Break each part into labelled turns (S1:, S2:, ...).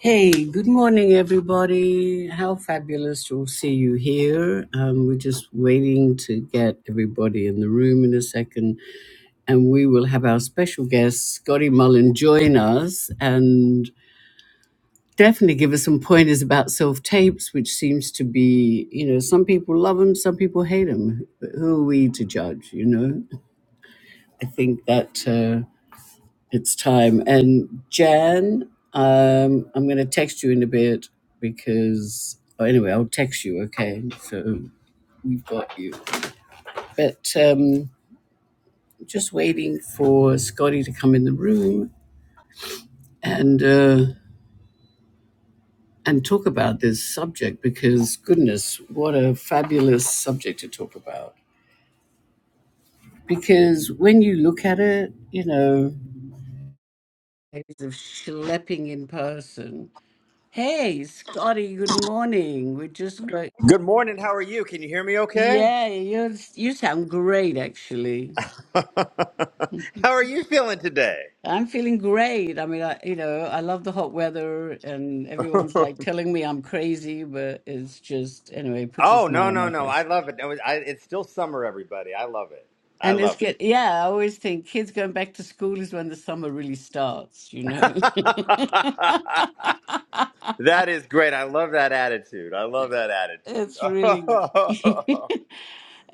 S1: Hey, good morning, everybody. How fabulous to see you here. Um, we're just waiting to get everybody in the room in a second, and we will have our special guest, Scotty Mullen, join us and definitely give us some pointers about self tapes, which seems to be, you know, some people love them, some people hate them. But who are we to judge, you know? I think that. Uh, it's time. And Jan, um, I'm going to text you in a bit because, oh, anyway, I'll text you, okay? So we've got you. But um, just waiting for Scotty to come in the room and uh, and talk about this subject because, goodness, what a fabulous subject to talk about. Because when you look at it, you know, days of schlepping in person. Hey, Scotty, good morning. We're just great.
S2: Good morning. How are you? Can you hear me okay?
S1: Yeah, you you sound great actually.
S2: how are you feeling today?
S1: I'm feeling great. I mean, I, you know, I love the hot weather and everyone's like telling me I'm crazy, but it's just anyway, it puts a
S2: Oh,
S1: smile
S2: no,
S1: on
S2: no,
S1: my
S2: no. I
S1: face.
S2: love it. It was- I- it's still summer, everybody. I love it. I
S1: And it's
S2: love
S1: good. Yeah, I always think kids going back to school is when the summer really starts, you
S2: it.
S1: know.
S2: that is great. I love that attitude. I love that attitude.
S1: It's really.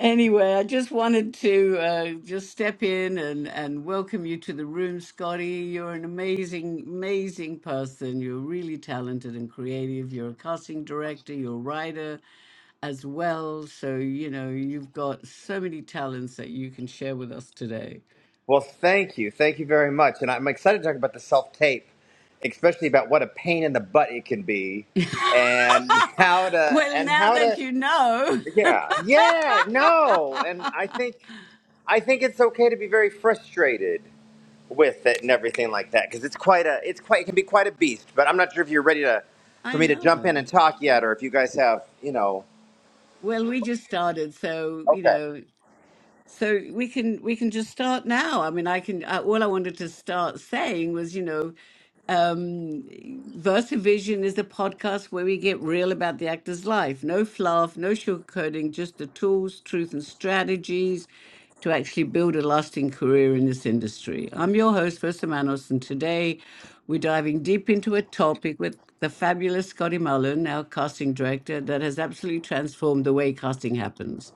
S1: Anyway, I just wanted to uh, just step in and, and welcome you to the room, Scotty. You're an amazing, amazing person. You're really talented and creative. You're a casting director, you're a writer as well. So, you know, you've got so many talents that you can share with us today.
S2: well, thank you. Thank you very much. And I'm excited to talk about the self tape, especially about what a pain in the butt it can be and how to,
S1: Well,
S2: and
S1: now
S2: how
S1: that
S2: to,
S1: you know,
S2: Yeah, yeah, no, and I think I think it's okay to be very frustrated with it and everything like that because it's quite a it's quite it can be quite a beast. But I'm not sure if you're ready to for
S1: I
S2: me to jump in
S1: know.
S2: and talk yet, or if you guys have you know.
S1: Well, we just started, so you
S2: Okay.
S1: know, so we can we can just start now. I mean, I can. Uh, all I wanted to start saying was, you know, um, VersaVision is a podcast where we get real about the actor's life. No fluff, no sugarcoating, just the tools, truth, and strategies to actually build a lasting career in this industry. I'm your host, Versa Manos, and today we're diving deep into a topic with the fabulous Scotty Mullen, our casting director, that has absolutely transformed the way casting happens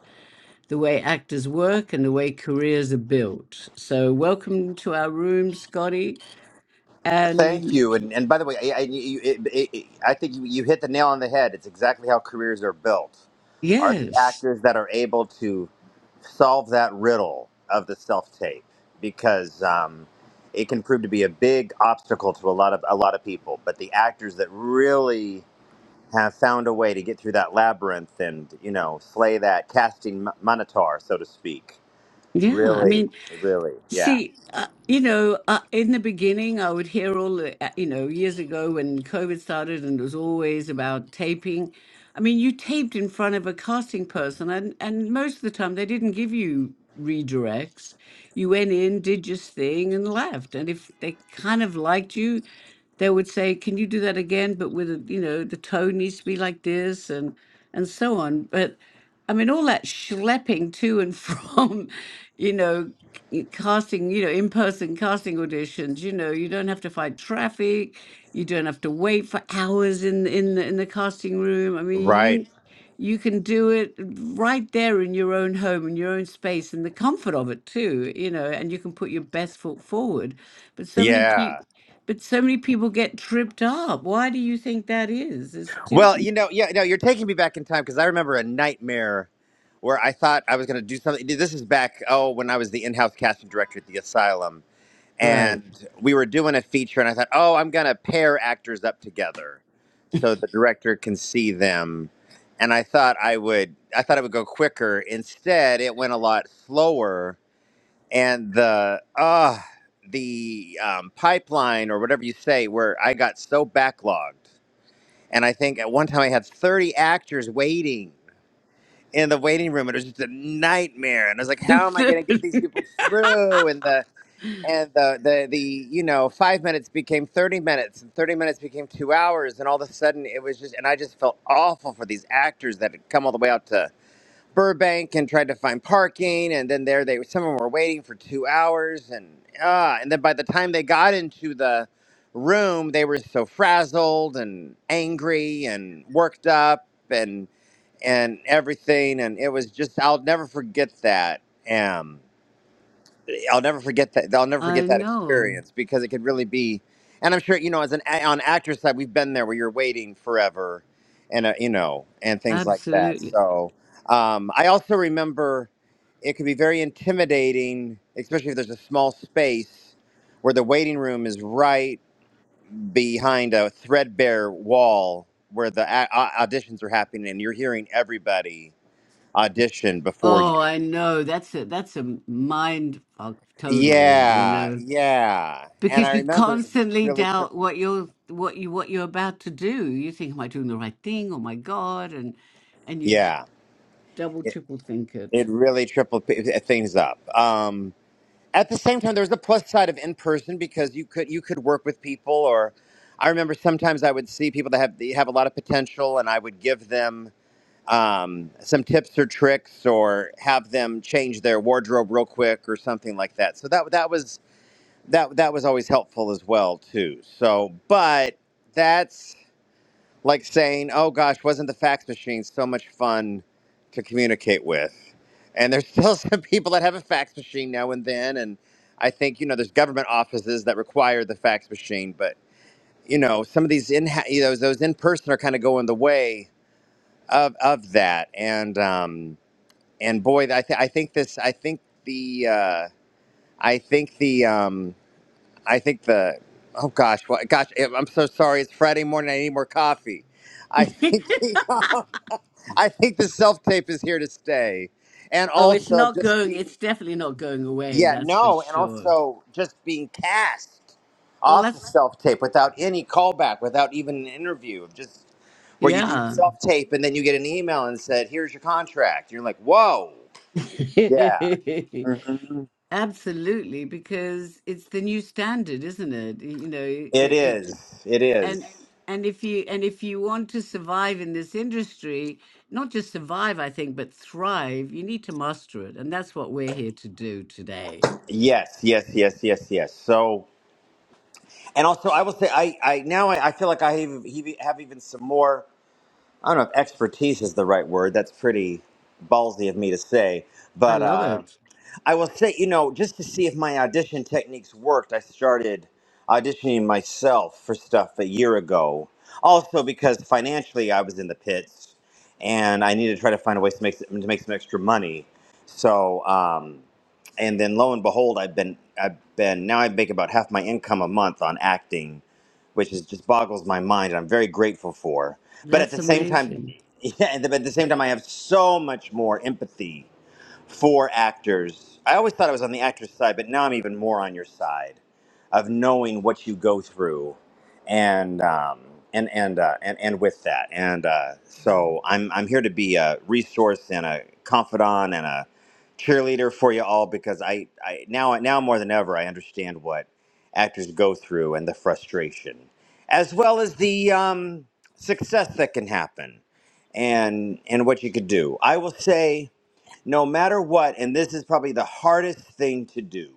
S1: the way actors work and the way careers are built. So, welcome to our room, Scotty.
S2: Thank
S1: And
S2: you, and and by the way, I I, you, it, it, it- I think you, you hit the nail on the head. It's exactly how careers are built. Are the
S1: yes,
S2: actors that are able to solve that riddle of the self tape because um, it can prove to be a big obstacle to a lot of a lot of people. But the actors that really have found a way to get through that labyrinth and you know slay that casting m- monitor, so to speak.
S1: yeah, I
S2: Really,
S1: mean,
S2: really, yeah,
S1: see, uh, you know, uh, in the beginning, I would hear all the, uh, you know, years ago when COVID started and it was always about taping. I mean, you taped in front of a casting person, and, and most of the time they didn't give you redirects. You went in, did your thing, and left. And if they kind of liked you, they would say, "Can you do that again?" But with a, you know, the tone needs to be like this, and and so on. But I mean, all that schlepping to and from, you know, c- casting, you know, in-person casting auditions. You know, you don't have to fight traffic. You don't have to wait for hours in in the, in the casting room. I mean,
S2: right,
S1: you you can do it right there in your own home in your own space in the comfort of it too you know and you can put your best foot forward but so many
S2: yeah.
S1: people but so many people get tripped up. Why do you think that is? It's too
S2: Well, you know, yeah, no, you're taking me back in time because I remember a nightmare where I thought I was going to do something. This is back oh when I was the in-house casting director at the asylum
S1: right.
S2: and we were doing a feature and i thought oh i'm going to pair actors up together so the director can see them and i thought i would i thought it would go quicker instead it went a lot slower and the uh the um, pipeline or whatever you say where i got so backlogged and i think at one time i had 30 actors waiting in the waiting room and it was just a nightmare and i was like how am i going to get these people through and the and the the the you know five minutes became 30 minutes and 30 minutes became two hours and all of a sudden it was just and i just felt awful for these actors that had come all the way out to burbank and tried to find parking and then there they some of them were waiting for two hours and ah, and then by the time they got into the room they were so frazzled and angry and worked up and and everything and it was just i'll never forget that um I'll never forget that. I'll never
S1: I
S2: forget that
S1: know,
S2: experience because it could really be. And I'm sure you know, as an a- on actor side, we've been there where you're waiting forever, and uh, you know, and things like that.
S1: absolutely.
S2: So um, I also remember it could be very intimidating, especially if there's a small space where the waiting room is right behind a threadbare wall where the a- au- auditions are happening, and you're hearing everybody audition before
S1: Oh,
S2: you.
S1: I know. That's a that's a mind fuck totally. You
S2: Yeah,
S1: know,
S2: yeah. And I
S1: because you
S2: remember it was
S1: constantly
S2: really
S1: doubt
S2: tripping.
S1: what you're what you what you're about to do. You think, "Am I doing the right thing? Oh my god!" and and you
S2: Yeah,
S1: double triple think it.
S2: it really tripled p- uh, things up. Um, at the same time, there was the plus side of in person because you could you could work with people. Or I remember sometimes I would see people that have they have a lot of potential, and I would give them um, some tips or tricks, or have them change their wardrobe real quick or something like that. So that that was that that was always helpful as well too. So, but. That's like saying, "Oh gosh, wasn't the fax machine so much fun to communicate with?" And there's still some people that have a fax machine now and then, and I think you know there's government offices that require the fax machine, but you know some of these in you know, those in person are kind of going the way of of that, and um, and boy, I, th- I think this, I think the, uh, I think the. um, I think the oh gosh, what, gosh, eh, I'm so sorry. It's Friday morning. I need more coffee. I think the, um, I think the self tape is here to stay, and
S1: oh, it's
S2: also
S1: not
S2: just
S1: going.
S2: being
S1: It's definitely not going away.
S2: yeah
S1: That's for
S2: no, and
S1: sure.
S2: also just being cast
S1: Well,
S2: off the
S1: that's
S2: self tape without any callback, without even an interview, just where you do your
S1: yeah.
S2: self tape and then you get an email and said, "Here's your contract." You're like, "Whoa, yeah, Mhm.
S1: Absolutely, because it's the new standard, isn't it? You know, it,
S2: it
S1: it
S2: is, it is."
S1: and and if you and if you want to survive in this industry, not just survive, I think, but thrive, you need to master it, and that's what we're here to do today.
S2: Yes, yes, yes, yes, yes. So. And also, I will say, I, I now I, I feel like I have, have even some more. I don't know if expertise is the right word. That's pretty ballsy of me to say,
S1: I
S2: but
S1: love
S2: uh,
S1: it.
S2: I will say, you know, just to see if my audition techniques worked, I started auditioning myself for stuff a year ago. Also, because financially I was in the pits, and I needed to try to find a way to make to make some extra money. So, um, and then lo and behold, I've been I've been now I make about half my income a month on acting, which is just boggles my mind, and I'm very grateful for but at
S1: That's
S2: the same time,
S1: amazing.
S2: yeah, but at the same time, I have so much more empathy for actors. I always thought I was on the actor's side, but now I'm even more on your side of knowing what you go through, and um, and and, uh, and and with that, and uh, so I'm I'm here to be a resource and a confidant and a cheerleader for you all because I, I now now more than ever I understand what actors go through and the frustration, as well as the um, success that can happen, and and what you could do. I will say no matter what, and this is probably the hardest thing to do,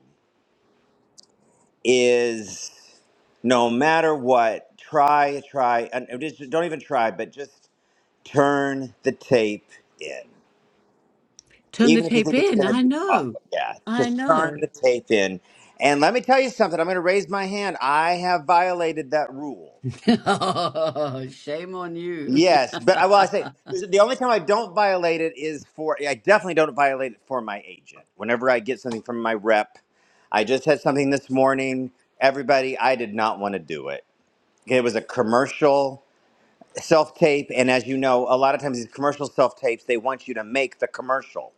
S2: is no matter what, try, try, and and just don't even try, but just turn the tape in.
S1: Turn the
S2: Even if you
S1: tape
S2: think it's
S1: in.
S2: going to
S1: I
S2: be
S1: know.
S2: awful, yeah,
S1: I
S2: just turn
S1: know.
S2: the tape in. And let me tell you something, I'm going to raise my hand. I have violated that rule.
S1: Shame on you.
S2: Yes, but I, well, I say the only time I don't violate it is for I definitely don't violate it for my agent. Whenever I get something from my rep, I just had something this morning. Everybody, I did not want to do it. It was a commercial self tape, and as you know, a lot of times these commercial self tapes they want you to make the commercial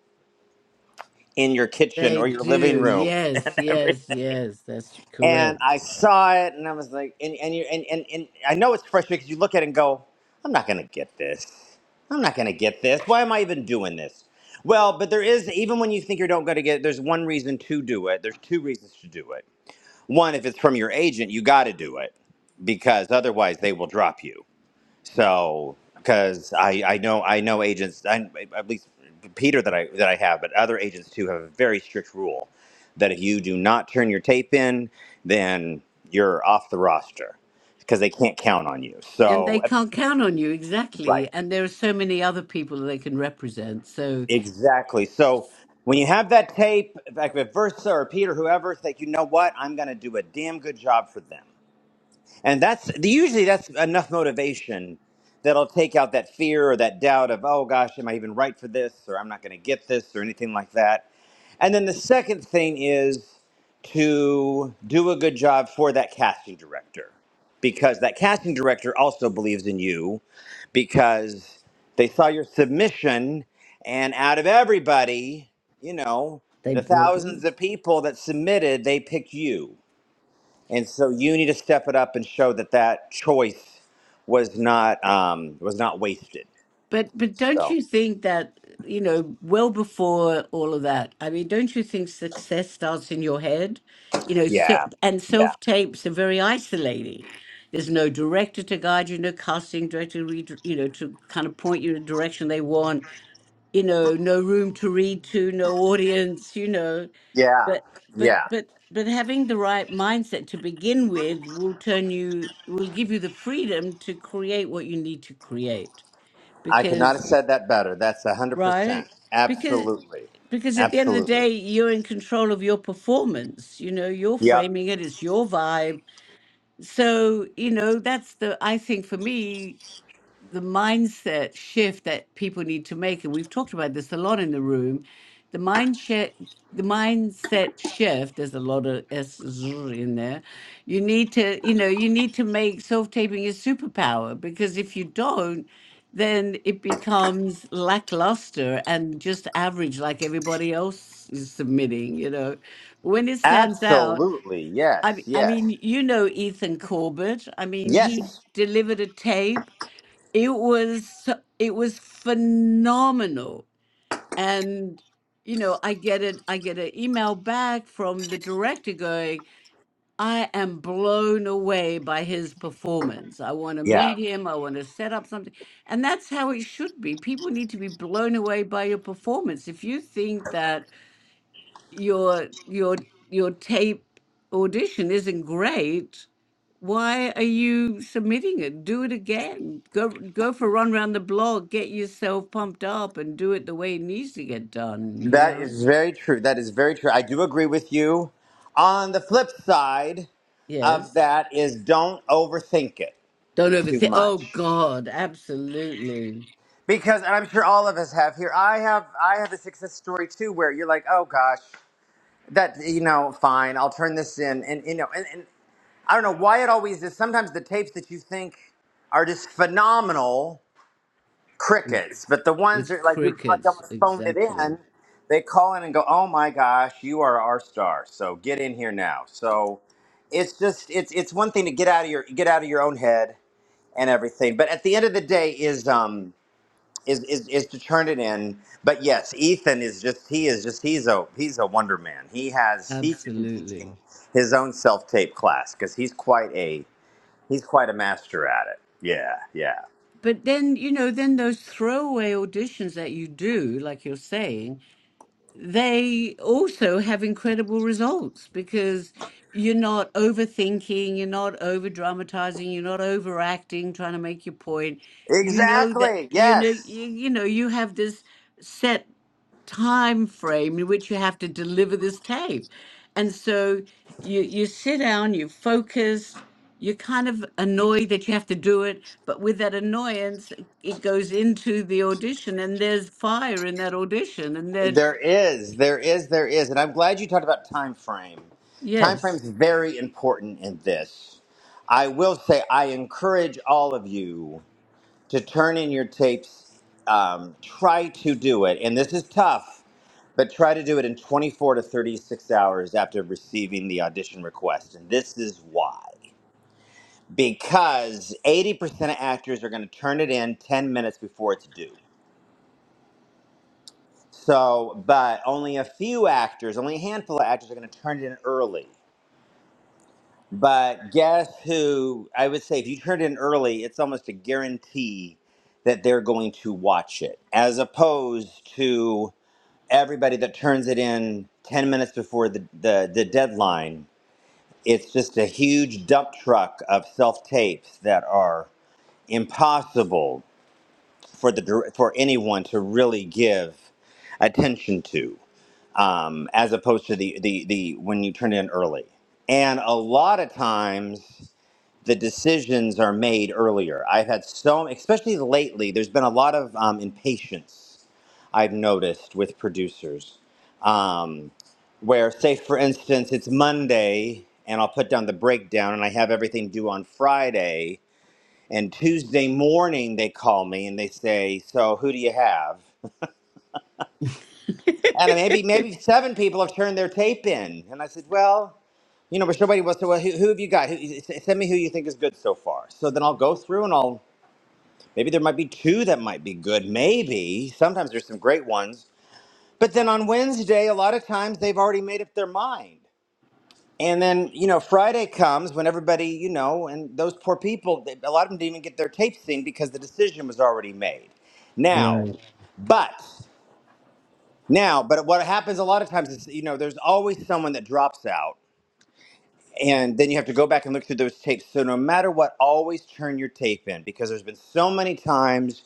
S2: in your kitchen
S1: They
S2: or your living
S1: do.
S2: room. and
S1: Yes,
S2: everything.
S1: yes, yes. That's
S2: and
S1: correct.
S2: I saw it, and I was like, and and you and and, and I know it's frustrating because you look at it and go, I'm not gonna get this. I'm not gonna get this. Why am I even doing this? Well, but there is even when you think you're not gonna get it, there's one reason to do it. There's two reasons to do it. One, if it's from your agent, you got to do it because otherwise they will drop you so, because I, I know I know agents, I, at least Peter that I that I have, but other agents too have a very strict rule that if you do not turn your tape in, then you're off the roster because they can't count on you.
S1: And they
S2: So, uh,
S1: can't count on you
S2: right,
S1: exactly. And there are so many other people they can represent. So
S2: exactly. So when you have that tape, like if Versa or Peter, whoever, think you know what, I'm going to do a damn good job for them. And that's usually that's enough motivation that'll take out that fear or that doubt of, oh gosh, am I even right for this? Or I'm not going to get this or anything like that. And then the second thing is to do a good job for that casting director because that casting director also believes in you because they saw your submission and out of everybody, you know,
S1: they
S2: the
S1: brought
S2: thousands
S1: you.
S2: of people that submitted, they picked you and so you need to step it up and show that that choice was not um, was not wasted.
S1: But but don't
S2: So
S1: you think that you know well before all of that? I mean, don't you think success starts in your head? You know, so
S2: yeah,
S1: and
S2: yeah,
S1: self tapes are very isolating. There's no director to guide you, no casting director, re- you know, to kind of point you in the direction they want you know no room to read to no audience you know
S2: yeah,
S1: but but
S2: yeah.
S1: but but having the right mindset to begin with will turn you will give you the freedom to create what you need to create
S2: I could not have
S1: because
S2: said that better. That's a hundred percent.
S1: right because
S2: Absolutely,
S1: because at the end of the
S2: absolutely.
S1: day you're in control of your performance you know you're
S2: Yep.
S1: framing it it's your vibe so you know that's the i think for me the mindset shift that people need to make, and we've talked about this a lot in the room, the mindset the mindset shift. There's a lot of s zzz in there. You need to, you know, you need to make self taping a superpower because if you don't, then it becomes lackluster and just average, like everybody else is submitting. You know, when it stands out,
S2: Absolutely. Yes.
S1: I, I
S2: Yes.
S1: mean, you know Ethan Corbett. I mean, he
S2: Yes.
S1: delivered a tape it was it was phenomenal and you know i get it i get an email back from the director going i am blown away by his performance i want to
S2: Yeah.
S1: meet him i want to set up something and that's how it should be people need to be blown away by your performance if you think that your your your tape audition isn't great why are you submitting it? Do it again. Go go for a run around the block, get yourself pumped up and do it the way it needs to get done, you
S2: That
S1: know?
S2: is very true. That is very true. I do agree with you. On the flip side of
S1: Yes.
S2: that is don't overthink it
S1: Don't
S2: too
S1: overthink. Oh
S2: much.
S1: God, absolutely.
S2: because and i'm sure all of us have here i have i have a success story too where you're like oh gosh that you know fine i'll turn this in and you know and, and i don't know why it always is sometimes the tapes that you think are just phenomenal crickets but the ones
S1: It's
S2: that like you like
S1: crickets,
S2: almost phoned it
S1: exactly.
S2: in they call in and go oh my gosh you are our star so get in here now so it's just it's it's one thing to get out of your get out of your own head and everything but at the end of the day is um is, is is to turn it in. But yes, Ethan is just he is just he's a he's a wonder man. He has he should be teaching
S1: Absolutely.
S2: his own self tape class because he's quite a he's quite a master at it. Yeah, yeah,
S1: But then, you know, then those throwaway auditions that you do, like you're saying, they also have incredible results because you're not overthinking, you're not over dramatizing, you're not overacting, trying to make your point. You know that
S2: exactly.
S1: you know
S2: Yes,
S1: you, you know you have this set time frame in which you have to deliver this tape, and so you you sit down, you focus. You're kind of annoyed that you have to do it, but with that annoyance, it goes into the audition, and there's fire in that audition, and then
S2: there is, there is, there is, and I'm glad you talked about time frame. Time frame
S1: Yes.
S2: is very important in this. I will say I encourage all of you. to turn in your tapes, um, try to do it, and this is tough, but try to do it in 24 to 36 hours after receiving the audition request. And this is why. Because 80% of actors are going to turn it in 10 minutes before it's due. So, but only a few actors, only a handful of actors are going to turn it in early. But guess who? I would say if you turn it in early, it's almost a guarantee that they're going to watch it, as opposed to everybody that turns it in 10 minutes before the, the, the deadline. It's just a huge dump truck of self tapes that are impossible for, the, dir- for anyone to really give attention to, um, as opposed to the, the, the when you turn it in early. And a lot of times, the decisions are made earlier. I've had so, especially lately, there's been a lot of um, impatience I've noticed with producers. Um, where, say, for instance, it's Monday and I'll put down the breakdown and I have everything due on Friday. And Tuesday morning, they call me and they say, So who do you have? And maybe maybe seven people have turned their tape in. And I said, Well, you know, but somebody was, so well, who, who have you got? Who, s- send me who you think is good so far. So then I'll go through and I'll Maybe there might be two that might be good. Maybe. Sometimes there's some great ones. But then on Wednesday, a lot of times they've already made up their mind. And then, you know, Friday comes when everybody, you know, and those poor people, they, a lot of them didn't even get their tapes seen because the decision was already made. Now,
S1: Right.
S2: but, now, but what happens a lot of times is, you know, there's always someone that drops out and then you have to go back and look through those tapes. So no matter what, always turn your tape in because there's been so many times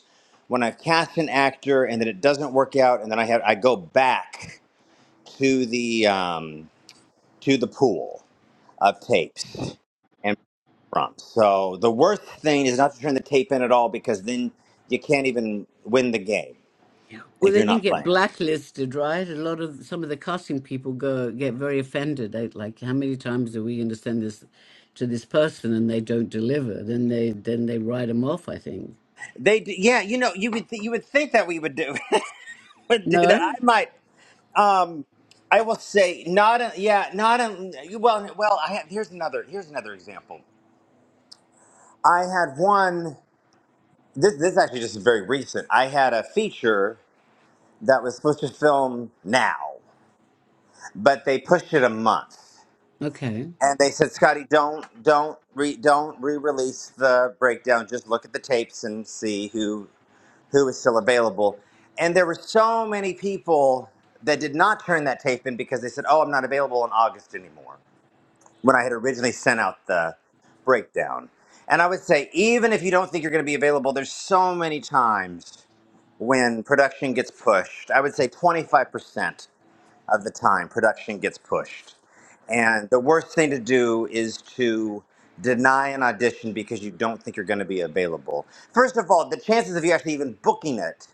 S2: when I've cast an actor and then it doesn't work out, and then I have I go back to the um, to the pool of tapes and prompts. So the worst thing is not to turn the tape in at all because then you can't even win the game
S1: Well,
S2: if you're
S1: then you
S2: not
S1: get
S2: playing.
S1: blacklisted, right? A lot of some of the casting people go get very offended. They, like, how many times are we going to send this to this person and they don't deliver? Then they then they write them off. I think.
S2: They d- yeah, you know you would th- you would think that we would do would do that. I
S1: No.
S2: might. Um, I will say not. A, yeah, not. A, well, well. I have, here's another. Here's another example. I had one. This this is actually just very recent. I had a feature that was supposed to film now, but they pushed it a month,
S1: Okay.
S2: and they said, Scotty, don't don't re don't re-release the breakdown. Just look at the tapes and see who who is still available. And there were so many people that did not turn that tape in because they said, "Oh, I'm not available in August anymore." when I had originally sent out the breakdown. And I would say, even if you don't think you're going to be available, there's so many times when production gets pushed. I would say 25% of the time production gets pushed. And the worst thing to do is to deny an audition because you don't think you're going to be available. First of all, the chances of you actually even booking it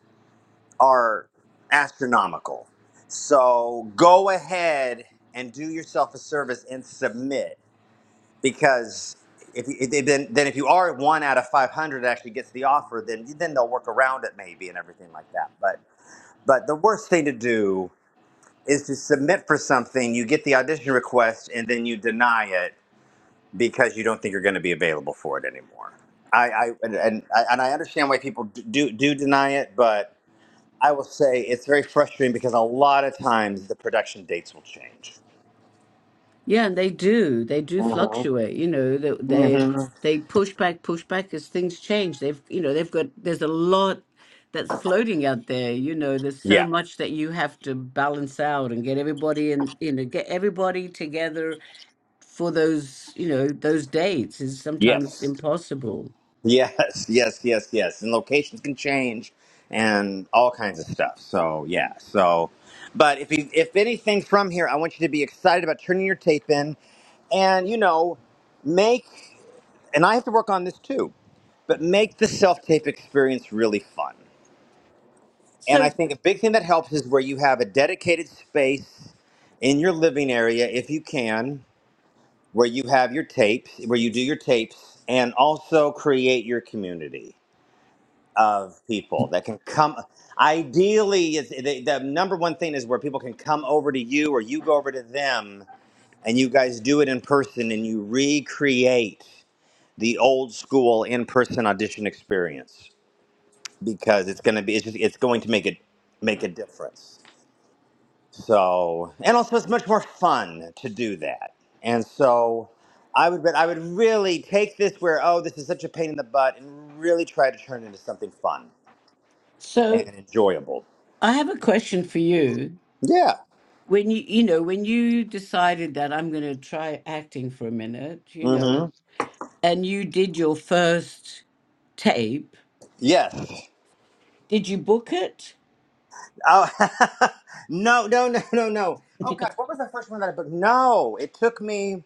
S2: are astronomical. So go ahead and do yourself a service and submit because if you, if- then then if you are one out of 500 that actually gets the offer, then then they'll work around it maybe and everything like that. But but the worst thing to do is to submit for something, you get the audition request, and then you deny it because you don't think you're going to be available for it anymore. I, I and, and I and I understand why people d- do do deny it, but I will say it's very frustrating because a lot of times the production dates will change.
S1: Yeah, and they do. They do
S2: Mm-hmm.
S1: fluctuate. You know, they they,
S2: Mm-hmm.
S1: they push back, push back as things change. They've, you know, they've got. There's a lot that's floating out there. You know, there's so
S2: Yeah.
S1: much that you have to balance out and get everybody in. You know, get everybody together for those. You know, those dates is sometimes
S2: Yes.
S1: impossible.
S2: Yes, yes, yes, yes. And locations can change and all kinds of stuff. So yeah. So but if you if anything from here, I want you to be excited about turning your tape in and you know, make and I have to work on this too, but make the self tape experience really fun. And I
S1: So,
S2: think a big thing that helps is where you have a dedicated space in your living area if you can, where you have your tapes, where you do your tapes and also create your community of people that can come. Ideally, it's- the, the number one thing is where people can come over to you or you go over to them and you guys do it in person and you recreate the old school in-person audition experience because it's going to be it's, just, it's going to make it make a difference so and also it's much more fun to do that and so i would but i would really take this where oh this is such a pain in the butt and really try to turn it into something fun
S1: so
S2: and enjoyable
S1: I have a question for you.
S2: Yeah.
S1: When you, you know, when you decided that I'm going to try acting for a minute, you know.
S2: Mm-hmm.
S1: and you did your first tape,
S2: Yes.
S1: did you book it?
S2: Oh no, no, no, no, no. Oh gosh, what was the first one that I booked? No, it took me.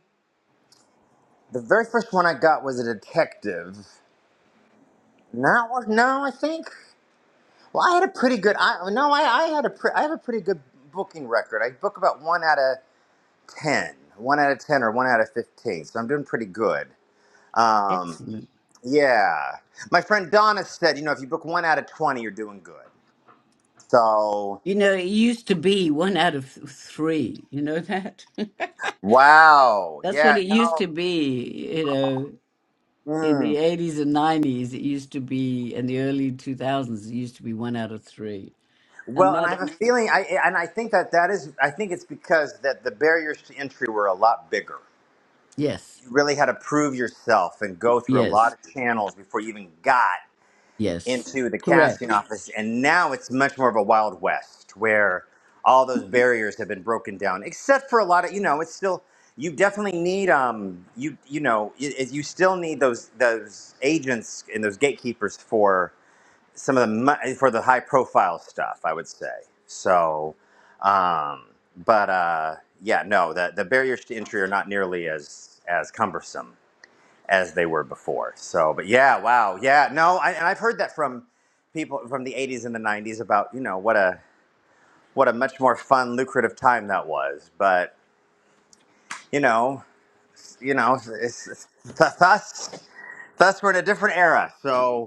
S2: The very first one I got was a detective. No, no, I think. Well, I had a pretty good. I no, I, I had a pre, I have a pretty good booking record. I book about one out of ten, one out of ten, or one out of fifteen. So I'm doing pretty good. Um,
S1: Excellent.
S2: yeah. My friend Donna said, you know, if you book one out of twenty, you're doing good. So
S1: You know, it used to be one out of th- three. You know that?
S2: Wow.
S1: That's what
S2: Yeah.
S1: it used to
S2: No.
S1: be, you know, in the
S2: Mm.
S1: 80s and 90s. It used to be, in the early 2000s, it used to be one out of three. And
S2: Well, and I have
S1: that,
S2: a feeling. I eh, and I think that that is. I think it's because that the barriers to entry were a lot bigger.
S1: yes,
S2: You really had to prove yourself and go through a lot
S1: yes,
S2: of channels before you even got
S1: yes,
S2: into the casting
S1: correct.
S2: office. And now it's much more of a wild west where all those barriers have been broken down, except for a lot of you know. It's still you definitely need um you you know you, you still need those those agents and those gatekeepers for some of the mu- for the high profile stuff, I would say. So, um, but uh, yeah, no, the the barriers to entry are not nearly as as cumbersome as they were before. So, but yeah, wow, yeah, no, I, and I've heard that from people from the '80s and the '90s about you know what a what a much more fun, lucrative time that was. But you know, you know, it's, it's, thus thus we're in a different era. So.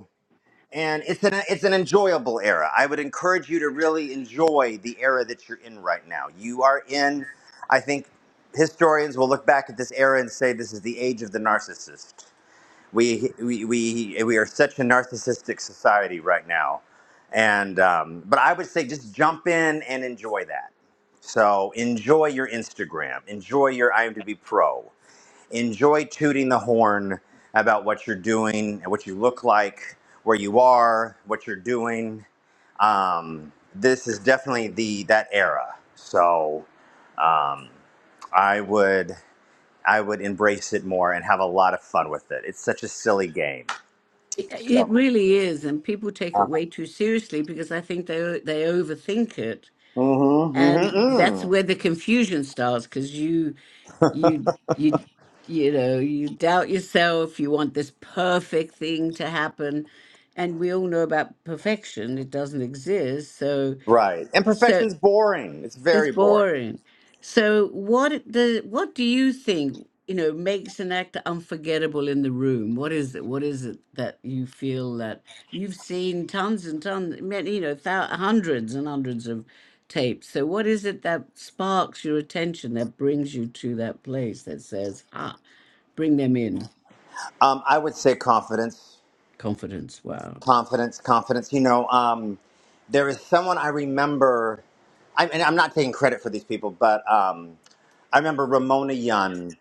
S2: and it's an it's an enjoyable era. I would encourage you to really enjoy the era that you're in right now. You are in, I think, historians will look back at this era and say this is the age of the narcissist. We we we, we are such a narcissistic society right now, and um, but I would say just jump in and enjoy that. So enjoy your Instagram, enjoy your IMDb Pro, enjoy tooting the horn about what you're doing and what you look like, where you are, what you're doing. Um, this is definitely the that era. So um, I would I would embrace it more and have a lot of fun with it. It's such a silly game.
S1: It,
S2: So,
S1: it really is. And people take
S2: uh,
S1: it way too seriously because I think they, o- they overthink it
S2: mm-hmm, mm-hmm,
S1: and that's
S2: mm.
S1: where the confusion starts because you you you you know you doubt yourself you want this perfect thing to happen and we all know about perfection it doesn't exist so
S2: Right.
S1: so
S2: Imperfection's boring. It's
S1: it's
S2: very boring.
S1: boring. So what the what do you think, you know, makes an actor unforgettable in the room? What is it? What is it that you feel that you've seen tons and tons, many, you know, thou- hundreds and hundreds of tapes. So what is it that sparks your attention that brings you to that place that says, "Ah, bring them in."
S2: Um, I would say confidence.
S1: Confidence. Wow.
S2: confidence, confidence. You know, um, there is someone I remember, I, and I'm not taking credit for these people, but um, I remember Ramona Young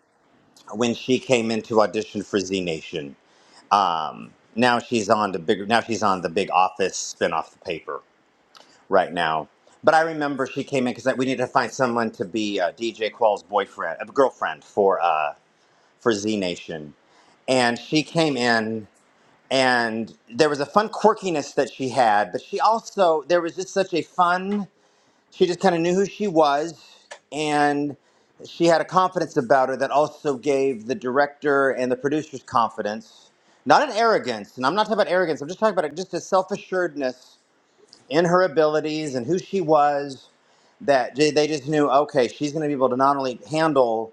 S2: when she came in to audition for Z Nation. Um, now she's on the bigger, now she's on the Big Office spin off the paper right now. But I remember she came in because we needed to find someone to be uh, DJ Qualls' boyfriend, uh, girlfriend for uh, for Z Nation, and she came in and there was a fun quirkiness that she had, but she also there was just such a fun. She just kind of knew who she was, and she had a confidence about her that also gave the director and the producers confidence. Not an arrogance, and I'm not talking about arrogance. I'm just talking about just a self assuredness in her abilities and who she was. That they they just knew, okay, she's going to be able to not only handle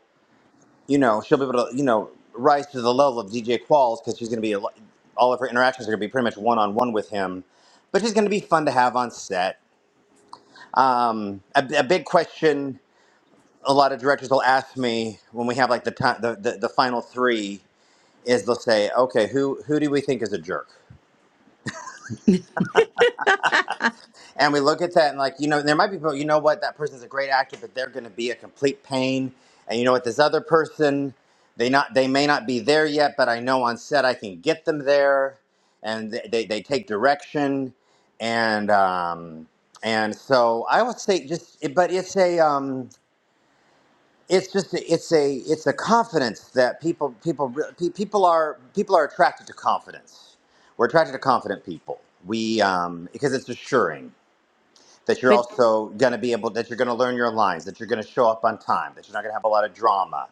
S2: you know, she'll be able to, you know, rise to the level of DJ Qualls because she's going to be, a lo- all of her interactions are going to be pretty much one on one with him. But she's going to be fun to have on set. Um, a, a big question a lot of directors will ask me when we have like the time, the, the, the final three is they'll say, okay, who, who do we think is a jerk? and we look at that and like you know there might be people you know what that person's a great actor but they're going to be a complete pain and you know what this other person they not they may not be there yet but i know on set i can get them there and they, they, they take direction and um and so i would say just it- but it's a um it's just a, it's a it's a confidence that people people re- pe- people are people are attracted to confidence we're attracted to confident people we um because it's assuring that you're
S1: But
S2: also going to be able that you're going to learn your lines that you're going to show up on time that you're not going to have a lot of drama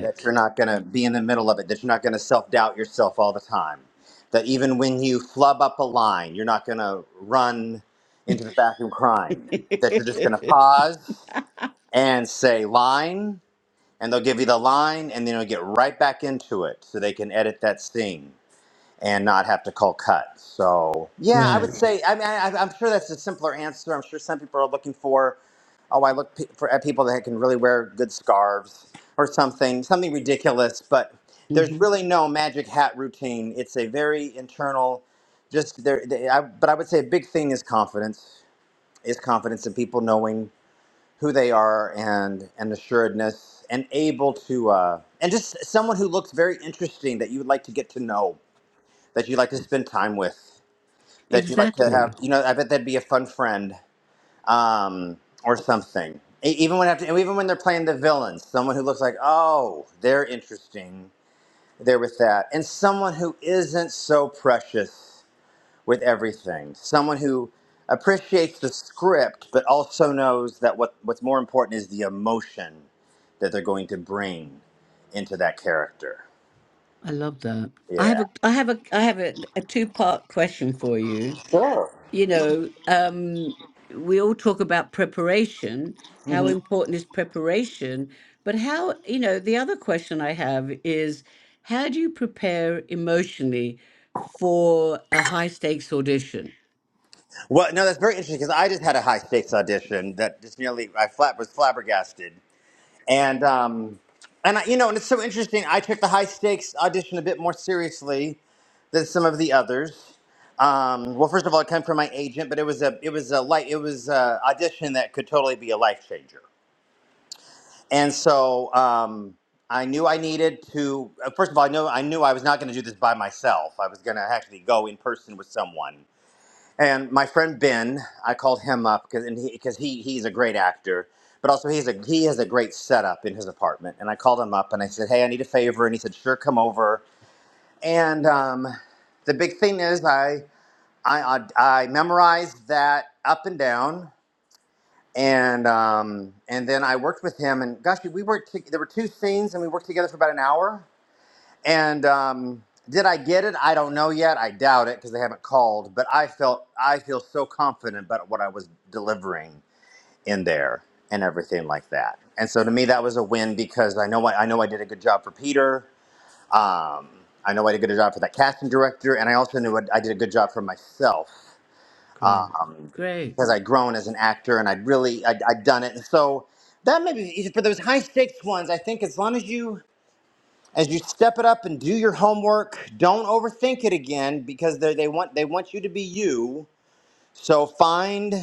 S2: that you're not going to be in the middle of it that you're not going to self-doubt yourself all the time that even when you flub up a line you're not going to run into the bathroom crying that you're just going to pause and say line and they'll give you the line and then you'll get right back into it so they can edit that scene and not have to call cut. So yeah, I would
S1: Right.
S2: say. I mean, I, I'm sure that's a simpler answer. I'm sure some people are looking for, oh, I look pe- for at people that can really wear good scarves or something, something ridiculous. But there's
S1: hmm
S2: really no magic hat routine. It's a very internal. Just there, they, I, but I would say a big thing is confidence. Is confidence in people knowing who they are and and assuredness and able to uh, and just someone who looks very interesting that you would like to get to know that you like to spend time with, that you like to
S1: Exactly.
S2: have. You know, I bet that'd be a fun friend um, or something. E- Even when after, even when they're playing the villains, someone who looks like oh they're interesting, they're with that, and someone who isn't so precious with everything. Someone who appreciates the script, but also knows that what what's more important is the emotion that they're going to bring into that character.
S1: I love that. I have
S2: Yeah.
S1: a I have a I have a, a two part question for you.
S2: Sure.
S1: You know, um we all talk about preparation. How important is preparation? But how you know, the other question I have is how do you prepare emotionally for a high stakes audition?
S2: Well, no, that's very interesting because I just had a high stakes audition that just nearly I flat was flabbergasted, and um, and I, you know, and it's so interesting. I took the high stakes audition a bit more seriously than some of the others. Um, well, first of all, it came from my agent, but it was a it was a light it was a audition that could totally be a life changer, and so um, I knew I needed to. uh, First of all, I knew I knew I was not going to do this by myself. I was going to actually go in person with someone and my friend Ben, I called him up because and he, because he he's a great actor, but also he's a he has a great setup in his apartment. And I called him up and I said, "Hey, I need a favor," and he said, "Sure, come over." And um, the big thing is, I I I, I memorized that up and down. And um, and then I worked with him, and gosh, we worked. To, there were two scenes, and we worked together for about an hour. And um, did I get it? I don't know yet. I doubt it because they haven't called. But I felt I feel so confident about what I was delivering in there and everything like that. And so to me, that was a win because I know I, I know I did a good job for Peter. Um, I know I did a good job for that casting director, and I also knew I did a good job for myself
S1: Great.
S2: um,
S1: Great.
S2: because I'd grown as an actor and I'd really I'd, I'd done it. And so that may be easy for those high stakes ones. I think as long as you as you step it up and do your homework don't overthink it again because they they want they want you to be you so find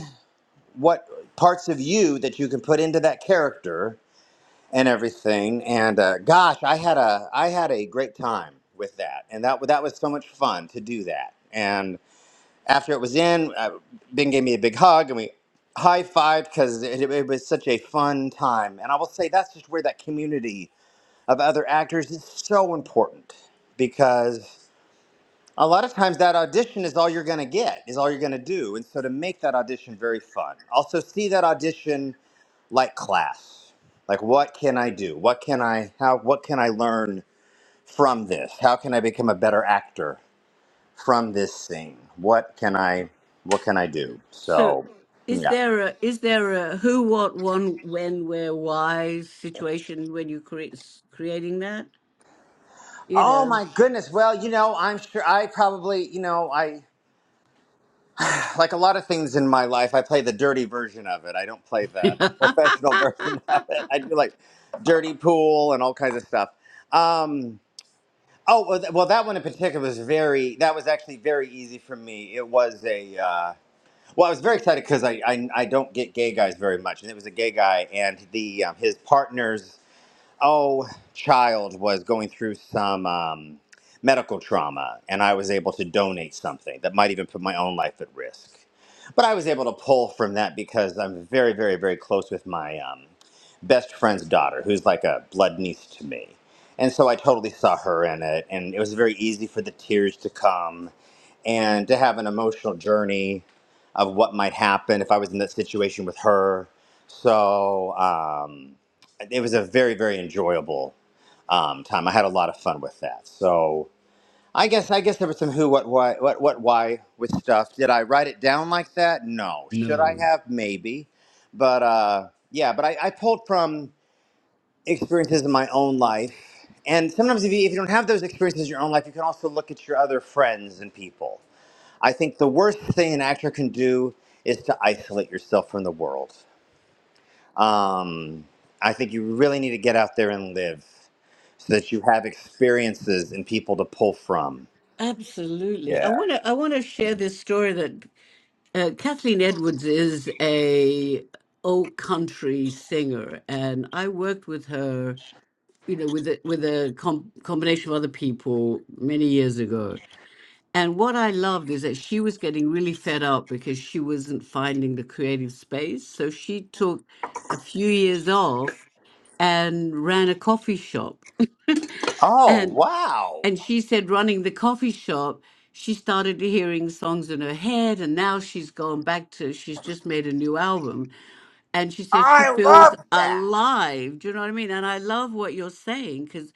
S2: what parts of you that you can put into that character and everything and uh, gosh i had a i had a great time with that and that that was so much fun to do that and after it was in uh, ben gave me a big hug and we high-fived because it, it was such a fun time and i will say that's just where that community of other actors is so important because a lot of times that audition is all you're going to get, is all you're going to do. And so to make that audition very fun, also see that audition like class. Like what can I do? What can I how what can I learn from this? How can I become a better actor from this thing? What can I what can I do?
S1: So
S2: So,
S1: is
S2: yeah.
S1: there a is there a who, what, when, when, where, why situation when you create creating that? You
S2: Oh
S1: know.
S2: my goodness. Well, you know, I'm sure I probably, you know, I like a lot of things in my life, I play the dirty version of it. I don't play the professional version of it. I do like dirty pool and all kinds of stuff. Um, oh well, th- well, that one in particular was very. That was actually very easy for me. It was a. Uh, well, I was very excited because I, I I don't get gay guys very much, and it was a gay guy, and the um, his partners oh child was going through some um, medical trauma and i was able to donate something that might even put my own life at risk but i was able to pull from that because i'm very very very close with my um, best friend's daughter who's like a blood niece to me and so i totally saw her in it and it was very easy for the tears to come and to have an emotional journey of what might happen if I was in that situation with her. So um, it was a very, very enjoyable um, time. I had a lot of fun with that. So I guess I guess there was some who, what, why, what, what, why with stuff. Did I write it down like that? No. Should I
S1: no,
S2: have? Maybe. But uh, yeah, but I, I pulled from experiences in my own life. And sometimes, if you, if you don't have those experiences in your own life, you can also look at your other friends and people I think the worst thing an actor can do is to isolate yourself from the world. Um, I think you really need to get out there and live so that you have experiences and people to pull from.
S1: absolutely. I
S2: Yeah.
S1: want to. I want to share this story that uh, Kathleen Edwards is a old country singer, and I worked with her. You know, with a, with a com- combination of other people many years ago. And what I loved is that she was getting really fed up because she wasn't finding the creative space. So she took a few years off and ran a coffee shop.
S2: Oh,
S1: and.
S2: wow.
S1: And she said, running the coffee shop, she started hearing songs in her head, and now she's gone back to, she's just made a new album. And she said she
S2: I
S1: feels
S2: love that.
S1: alive. Do you know what I mean? And I love what you're saying because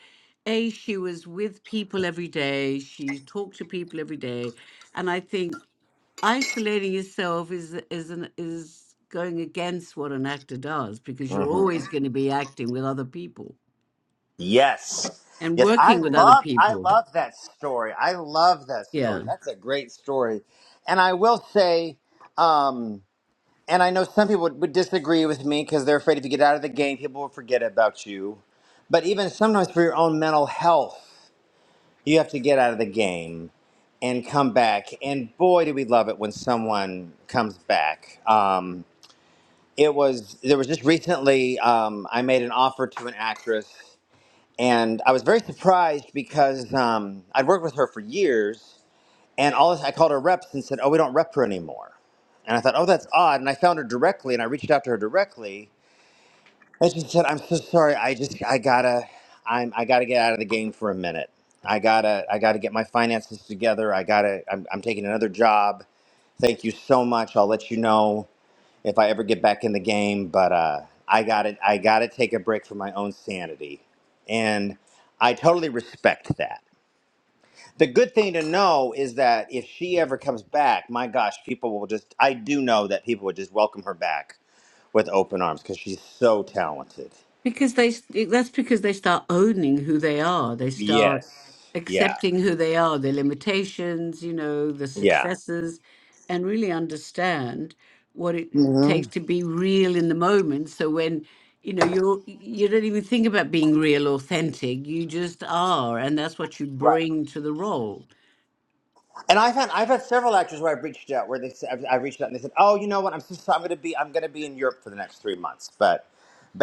S1: A, she was with people every day, she talked to people every day. And I think isolating yourself is is an is going against what an actor does because you're
S2: hmm
S1: always going to be acting with other people
S2: Yes.
S1: and
S2: Yes, I
S1: working with other
S2: love I
S1: people.
S2: love that story. I love that
S1: Yeah.
S2: story. That's a great story. And I will say um And I know some people would, would disagree with me because they're afraid if you get out of the game, people will forget about you. But even sometimes for your own mental health, you have to get out of the game and come back. And boy, do we love it when someone comes back. Um, it was, there was just recently, um, I made an offer to an actress, and I was very surprised because um, I'd worked with her for years. And all this, I called her reps and said, "Oh, we don't rep her anymore." And I thought, "Oh, that's odd." And I found her directly, and I reached out to her directly, and she said, "I'm so sorry. I just, I gotta, I'm, I gotta get out of the game for a minute. I gotta, I gotta get my finances together. I gotta, I'm, I'm taking another job. Thank you so much. I'll let you know if I ever get back in the game, but uh, I gotta, I gotta take a break for my own sanity." And I totally respect that the good thing to know is that if she ever comes back, my gosh, people will just, I do know that people would just welcome her back with open arms because she's so talented.
S1: Because they, that's because they start owning who they are. They start
S2: Yes. Yeah.
S1: accepting who they are, their limitations, you know, the
S2: Yeah.
S1: successes, and really understand what it
S2: hmm
S1: takes to be real in the moment. So when, you know, you're, you don't even think about being real, authentic. You just are. And that's what you
S2: Right.
S1: bring to the role.
S2: And I've had, I've had several actors where I've reached out, where they, said- I've, I've reached out and they said, oh, you know what? I'm so sorry. I'm going to be, I'm going to be in Europe for the next three months, but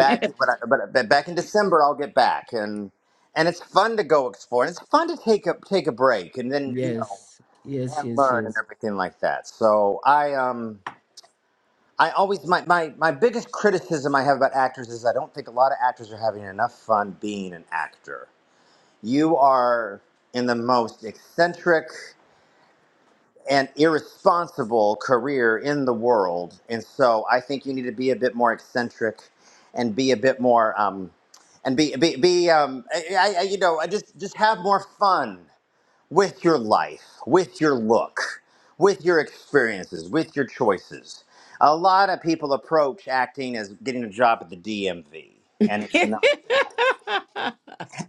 S2: but, I, but, but back in December, I'll get back. And, and it's fun to go explore. And it's fun to take a, take a break. And then, you know,
S1: Yes. Yes,
S2: and
S1: yes,
S2: learn and
S1: yes.
S2: everything like that. So I um I always my, my my biggest criticism I have about actors is I don't think a lot of actors are having enough fun being an actor. You are in the most eccentric and irresponsible career in the world, and so I think you need to be a bit more eccentric and be a bit more um and be be, be um I, I I- you know I just just have more fun with your life, with your look, with your experiences, with your choices. A lot of people approach acting as getting a job at the DMV, and it's not.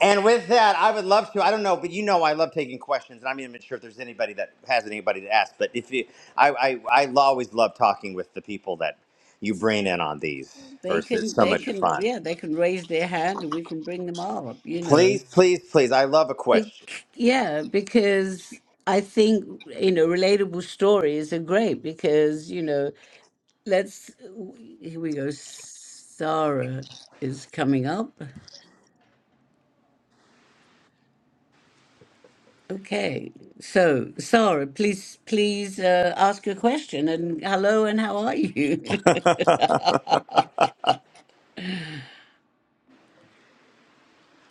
S2: And with that, I would love to. I don't know, but you know, I love taking questions, and I'm even sure if there's anybody that has anybody to ask. But if you, I, I, I lo- always love talking with the people that you bring in on these.
S1: they
S2: Versus, it's
S1: can,
S2: so
S1: they
S2: much
S1: can,
S2: fun.
S1: yeah, they can raise their hand and we can bring them up, you know.
S2: Please, please, please. I love a question.
S1: Bec- yeah, because I think, you know, relatable stories are great because, you know, let's, here we go. Sarah is coming up. Okay. So, Sarah, please, please uh, ask a question and hello and how are you?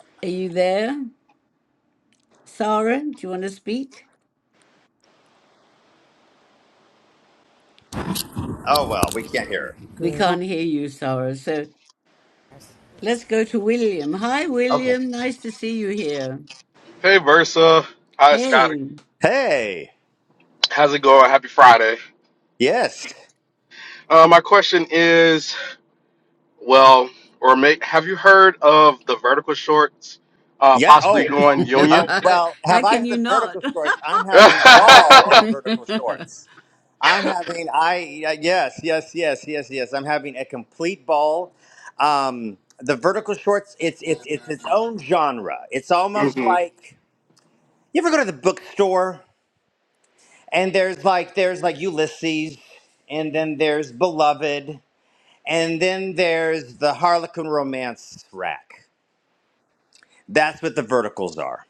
S1: Are you there? Sarah, do you want to speak?
S2: Oh well, we can't hear.
S1: We can't hear you, Sarah. So let's go to William. Hi,
S2: Her. Okay.
S1: William. Nice to see you here.
S3: Hey Versa. Hi Scott.
S1: Hey.
S2: Hey.
S3: How's it going? Happy Friday.
S2: Yes.
S3: Uh, my question is, well, or may, have you heard of the vertical shorts uh,
S2: Yeah.
S3: possibly Yeah.
S2: Oh.
S3: going union?
S2: Oh.
S1: How
S2: Well, have I heard
S1: can you
S2: of the
S1: not?
S2: vertical shorts? I'm having a ball in the vertical shorts. I'm having. I yeah, yes, yes, yes, yes, yes. I'm having a complete ball. Um, the vertical shorts. It's it's it's its own genre. It's almost
S3: hmm
S2: like you ever go to the bookstore and there's like there's like Ulysses, and then there's Beloved, and then there's the Harlequin romance rack. That's what the verticals are.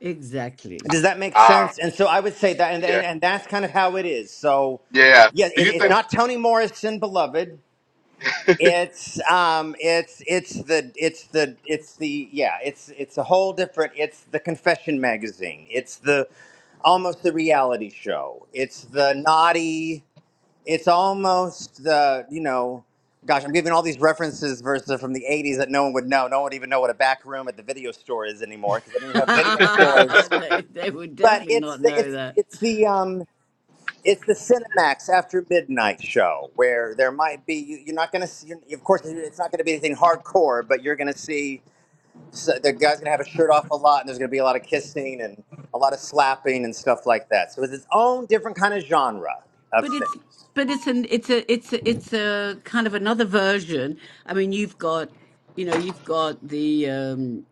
S1: exactly.
S2: Does that make
S3: Ah,
S2: sense? And so I would say that, and,
S3: yeah,
S2: and, and that's kind of how it is. So,
S3: yeah.
S2: yeah,
S3: Do
S2: it,
S3: you
S2: it's
S3: think?
S2: not Toni Morrison, beloved. It's um, it's it's the it's the it's the yeah, it's it's a whole different. It's the confession magazine. It's the almost the reality show. It's the naughty. It's almost the you know, gosh, I'm giving all these references versus from the '80s that no one would know. No one would even know what a back room at the video store is anymore because they don't even have video stores
S1: they they would
S2: but
S1: definitely
S2: it's
S1: not
S2: the
S1: know
S2: it's
S1: that.
S2: it's the um it's the Cinemax after midnight show where there might be you, you're not gonna see you're, of course it's not gonna be anything hardcore but you're gonna see so the guy's gonna have a shirt off a lot and there's gonna be a lot of kissing and a lot of slapping and stuff like that so it's its own different kind of genre of
S1: But it's
S2: things
S1: but it's an it's a it's a, it's a kind of another version. I mean, you've got you know you've got the um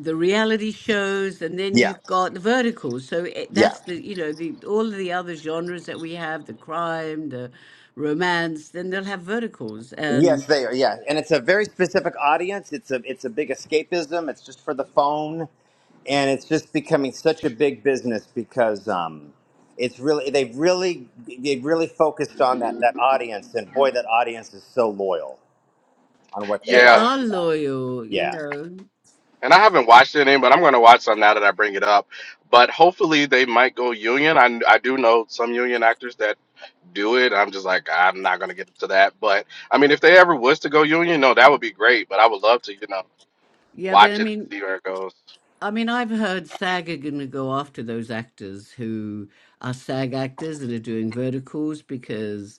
S1: the reality shows and then
S2: yeah
S1: you've got the verticals so it,
S2: yeah
S1: that's the you know the all of the other genres that we have the crime the romance then they'll have verticals
S2: yes
S1: and
S2: they are yeah and it's a very specific audience it's a it's a big escapism it's just for the phone and it's just becoming such a big business because um, it's really they've really they've really focused on that that audience, and boy, that audience is so loyal on what they
S1: they
S2: like.
S3: yeah,
S1: are loyal you
S2: Yeah, yeah,
S1: know
S3: and I haven't watched any, but I'm gonna watch some now that I bring it up. But hopefully they might go union. I I do know some union actors that do it. I'm just like, I'm not gonna get into that. But I mean, if they ever was to go union, no, that would be great. But I would love to, you know,
S1: Yeah, but
S3: watch
S1: I
S3: it and
S1: mean,
S3: see where it goes.
S1: I mean, I've heard SAG are going to go after those actors who are SAG actors and are doing verticals because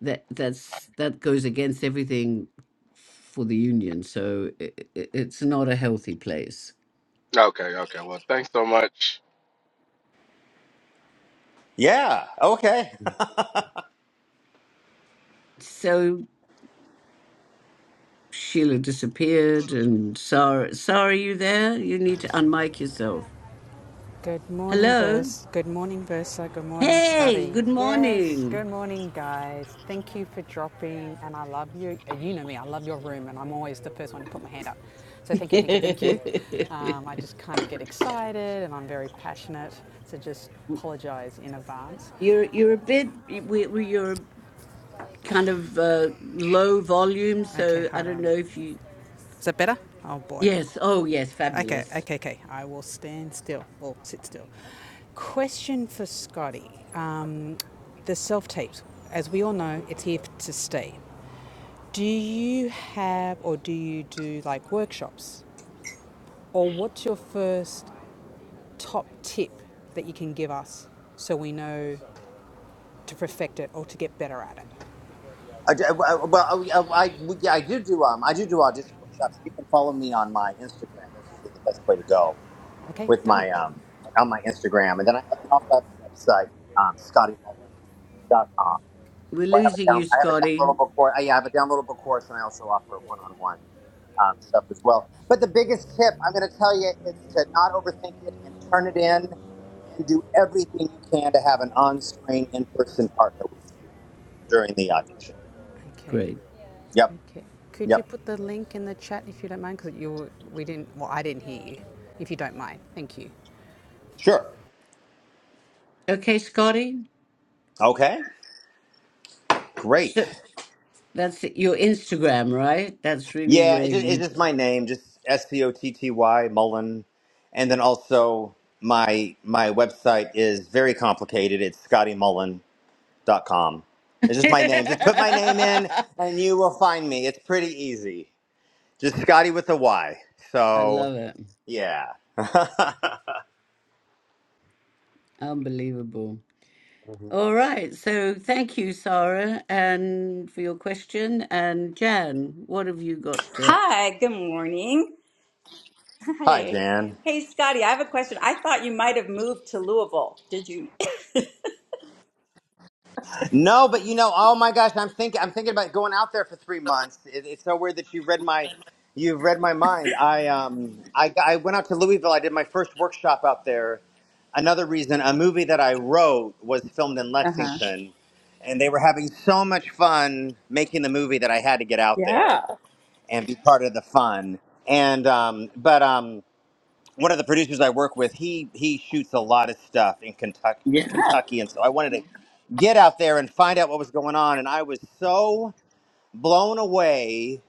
S1: that that's that goes against everything for the union. So it, it, it's not a healthy place.
S3: Okay, okay. Well, thanks so much.
S2: yeah. Okay.
S1: So Sheila disappeared, and Sarah, Sarah, are you there? You need to unmic yourself.
S4: Good morning,
S1: Hello.
S4: Vers. Good morning, Versa. Good morning,
S1: Hey,
S4: Scotty.
S1: good
S4: Yes, good
S1: morning.
S4: morning, guys. Thank you for dropping. And I love you. uh, You know me, I love your room, and I'm always the first one to put my hand up. So thank you, thank you, thank you. Um, I just kind of get excited and I'm very passionate. So just apologize in advance.
S1: You're you're a bit we we- you're kind of uh, low volume.
S4: Okay,
S1: So I
S4: hold
S1: don't
S4: on.
S1: know if you.
S4: Is that better? Oh boy.
S1: Yes. Oh, yes.
S4: Okay,
S1: Fabulous.
S4: okay, okay. I will stand still or sit still. Question for Scotty um, The self tapes, as we all know, it's here to stay. Do you have or do you do like workshops? Or what's your first top tip that you can give us so we know to perfect it or to get better at it?
S2: I, d- well, I- well, I, I, I- yeah, I do do um I do do audition workshops. You can follow me on my Instagram. That's usually the best way to go
S4: Okay,
S2: with
S4: done.
S2: my um on my Instagram, and then I and also have my website um, scotty mullen dot com.
S1: We're
S2: Well, I have a
S1: losing
S2: down.
S1: you,
S2: I have a
S1: Scotty.
S2: downloadable course. I, yeah, I have a downloadable course, and I also offer one-on-one um, stuff as well. But the biggest tip I'm going to tell you is to not overthink it and turn it in, and do everything you can to have an on-screen, in-person partner with you during the audition.
S4: Okay.
S1: Great.
S2: Yep.
S4: Okay. Could you
S2: Yep.
S4: put the link in the chat if you don't mind? Because you we didn't. Well, I didn't hear you. If you don't mind, thank you.
S2: Sure.
S1: Okay, Scotty.
S2: Okay.
S1: So
S2: Great.
S1: that's your Instagram, right? That's really
S2: Yeah.
S1: where
S2: It's just, it's
S1: you.
S2: just my name, just S P O T T Y Mullen, and then also my my website is very complicated. It's Scotty Mullen dot com. It's just my name. Just put my name in,
S1: I
S2: and you will find me. It's pretty easy. Just Scotty with a Y. So
S1: love it.
S2: yeah.
S1: Unbelievable.
S2: Mhm.
S1: All right. So thank you, Sarah, and for your question. And Jan, what have you got? To...
S5: Hi, good morning.
S2: Hi,
S5: Hey,
S2: Jan.
S5: hey, Scotty, I have a question. I thought you might have moved to Louisville. Did you?
S2: No, but you know, oh my gosh, I'm thinking, I'm thinking about going out there for three months. It, it's so weird that you read my, you've read my mind. I um, I, I went out to Louisville. I did my first workshop out there. Another reason, a movie that I wrote was filmed in
S5: Uh huh.
S2: Lexington, and they were having so much fun making the movie that I had to get out there
S5: Yeah.
S2: and be part of the fun. And um, but um, one of the producers I work with, he he shoots a lot of stuff in Kentucky, Kentucky, and so I wanted to get out there and find out what was going on, and I was so blown away,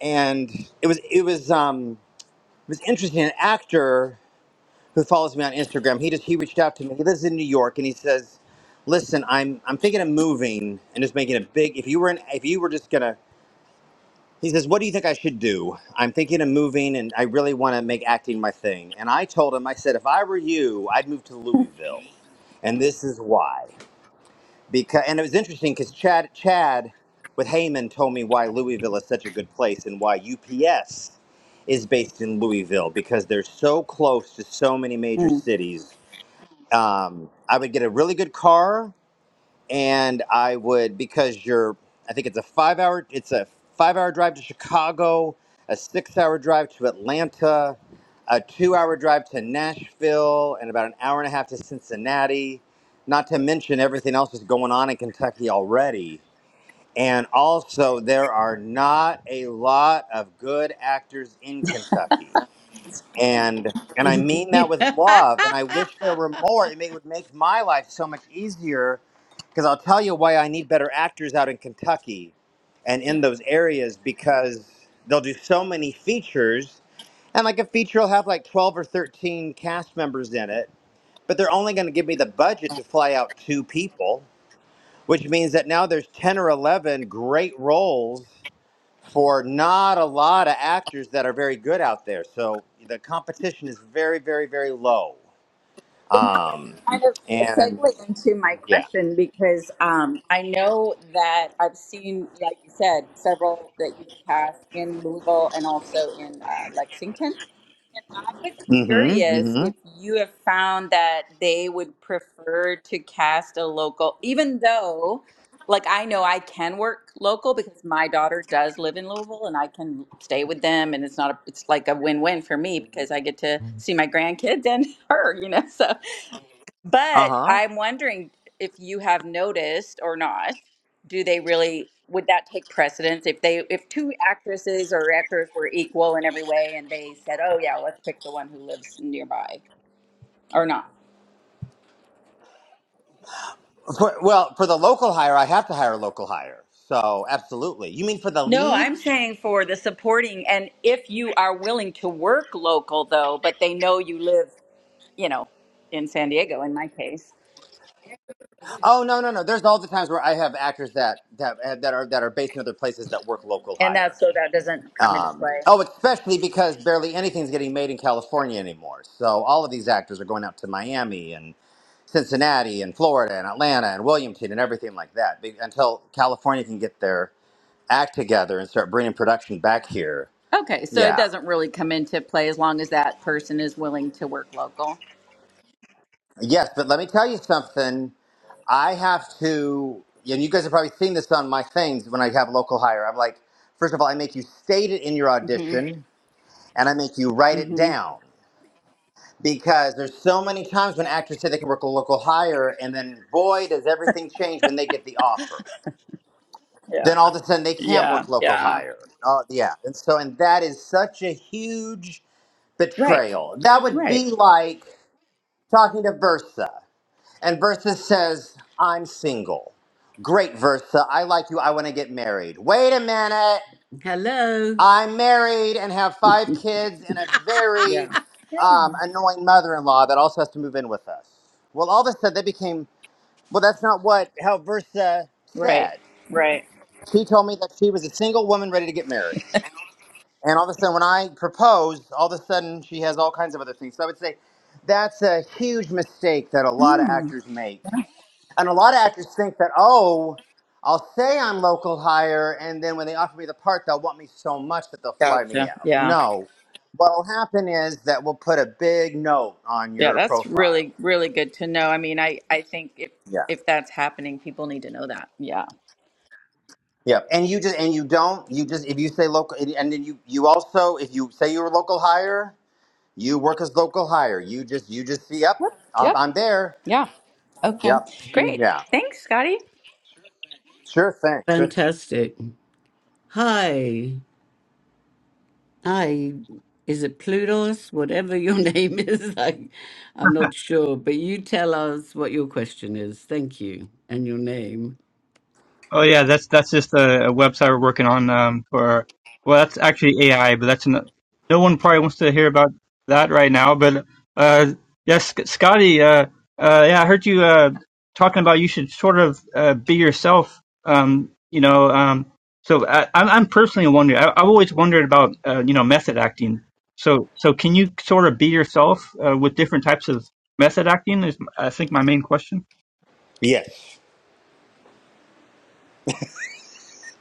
S2: and it was it was um it was interesting. An actor who follows me on Instagram, he just he reached out to me. He lives in New York, and he says, "Listen, I'm I'm thinking of moving and just making a big. If you were an, if you were just gonna he says, What do you think I should do? I'm thinking of moving and I really want to make acting my thing. And I told him, I said, If I were you, I'd move to Louisville. And this is why. Because, and it was interesting because Chad, Chad with Heyman told me why Louisville is such a good place and why UPS is based in Louisville because they're so close to so many major
S5: Mm.
S2: cities. Um, I would get a really good car and I would because you're I think it's a five hour it's a five hour drive to Chicago, a six hour drive to Atlanta, a two hour drive to Nashville, and about an hour and a half to Cincinnati. Not to mention everything else that's going on in Kentucky already. And also, there are not a lot of good actors in Kentucky and and I mean that with love. And I wish there were more. It may, would make my life so much easier because I'll tell you why I need better actors out in Kentucky and in those areas because they'll do so many features. And like a feature will have like 12 or 13 cast members in it, but they're only going to give me the budget to fly out two people, which means that now there's 10 or 11 great roles for not a lot of actors that are very good out there. So the competition is very, very, very low.
S5: But now,
S2: Um,
S5: kind of a
S2: and
S5: segue into my
S2: yeah.
S5: question because um, I know that I've seen, like you said, several that you've cast in Louisville and also in uh, Lexington. And I was
S2: Mm-hmm.
S5: curious
S2: Mm-hmm.
S5: if you have found that they would prefer to cast a local, even though, like, I know I can work local because my daughter does live in Louisville and I can stay with them, and it's not a, it's like a win-win for me because I get to see my grandkids and her, you know. So but
S2: Uh-huh.
S5: I'm wondering if you have noticed or not, do they really would that take precedence if they if two actresses or actors were equal in every way and they said, "Oh yeah, let's pick the one who lives nearby" or not?
S2: For, well, for the local hire, I have to hire a local hire. So absolutely. You mean for the
S5: No, I'm
S2: leads?
S5: saying for the supporting and if you are willing to work local though, but they know you live, you know, in San Diego in my case,
S2: Oh no, no, no. There's all the times where I have actors that that uh, that are that are based in other places that work local
S5: and that's
S2: hire.
S5: so that doesn't come into
S2: Um,
S5: play.
S2: oh, especially because barely anything's getting made in California anymore. So all of these actors are going out to Miami and Cincinnati and Florida and Atlanta and Williamton and everything like that be- until California can get their act together and start bringing production back here.
S5: Okay, so it
S2: Yeah.
S5: doesn't really come into play as long as that person is willing to work local.
S2: Yes, but let me tell you something. I have to, and you guys have probably seen this on my things when I have local hire. I'm like, first of all, I make you state it in your audition and I make you write it
S5: hmm
S2: down. because there's so many times when actors say they can work a local hire, and then boy, does everything change when they get the offer.
S5: Yeah.
S2: Then all of a sudden they can't
S5: Yeah.
S2: work local
S5: Yeah.
S2: hire. Oh yeah, and so and that is such a huge
S5: Right.
S2: betrayal. That would
S5: Right.
S2: be like talking to Versa, and Versa says, "I'm single." Great, Versa. I like you. I want to get married. Wait a minute.
S1: Hello.
S2: I'm married and have five kids and a
S5: Yeah.
S2: very
S5: Yeah.
S2: um, annoying mother-in-law that also has to move in with us. Well, all of a sudden they became well. That's not what how Versa
S5: Right.
S2: said.
S5: Right.
S2: She told me that she was a single woman ready to get married, and all of a sudden when I proposed, all of a sudden she has all kinds of other things. So I would say that's a huge mistake that a lot of
S5: Mm.
S2: actors make and a lot of actors think that, oh, I'll say I'm local hire, and then when they offer me the part, they'll want me so much that they'll fly me
S5: Gotcha.
S2: out.
S5: Yeah.
S2: No. What'll happen is that we'll put a big note on
S5: Yeah.
S2: your
S5: That's
S2: profile.
S5: really, really good to know. I mean, I, I think if,
S2: Yeah.
S5: if that's happening, people need to know that. Yeah.
S2: Yeah. And you just and you don't you just if you say local and then you you also if you say you're a local hire, you work as local hire. You just you just see yep,
S5: Yep.
S2: I'm
S5: Yep.
S2: I'm there.
S5: Yeah. Okay.
S2: Yep. Mhm.
S5: Great.
S2: Yeah.
S5: Thanks, Scotty.
S2: Sure thing. Sure thing.
S1: Fantastic. Hi. Hi. Is it Plutos? Whatever your name is, I, I'm not sure. But you tell us what your question is. Thank you. And your name.
S6: Oh yeah, that's that's just a, a website we're working on um, for. Well, that's actually AI, but that's no, no one probably wants to hear about that right now. But uh, yes, Sc- Scotty, uh, uh, yeah, I heard you uh, talking about you should sort of uh, be yourself. Um, you know, um, so I, I'm I'm personally wondering. I, I've always wondered about uh, you know method acting. So so can you sort of be yourself uh, with different types of method acting? Is I think my main question.
S2: Yes.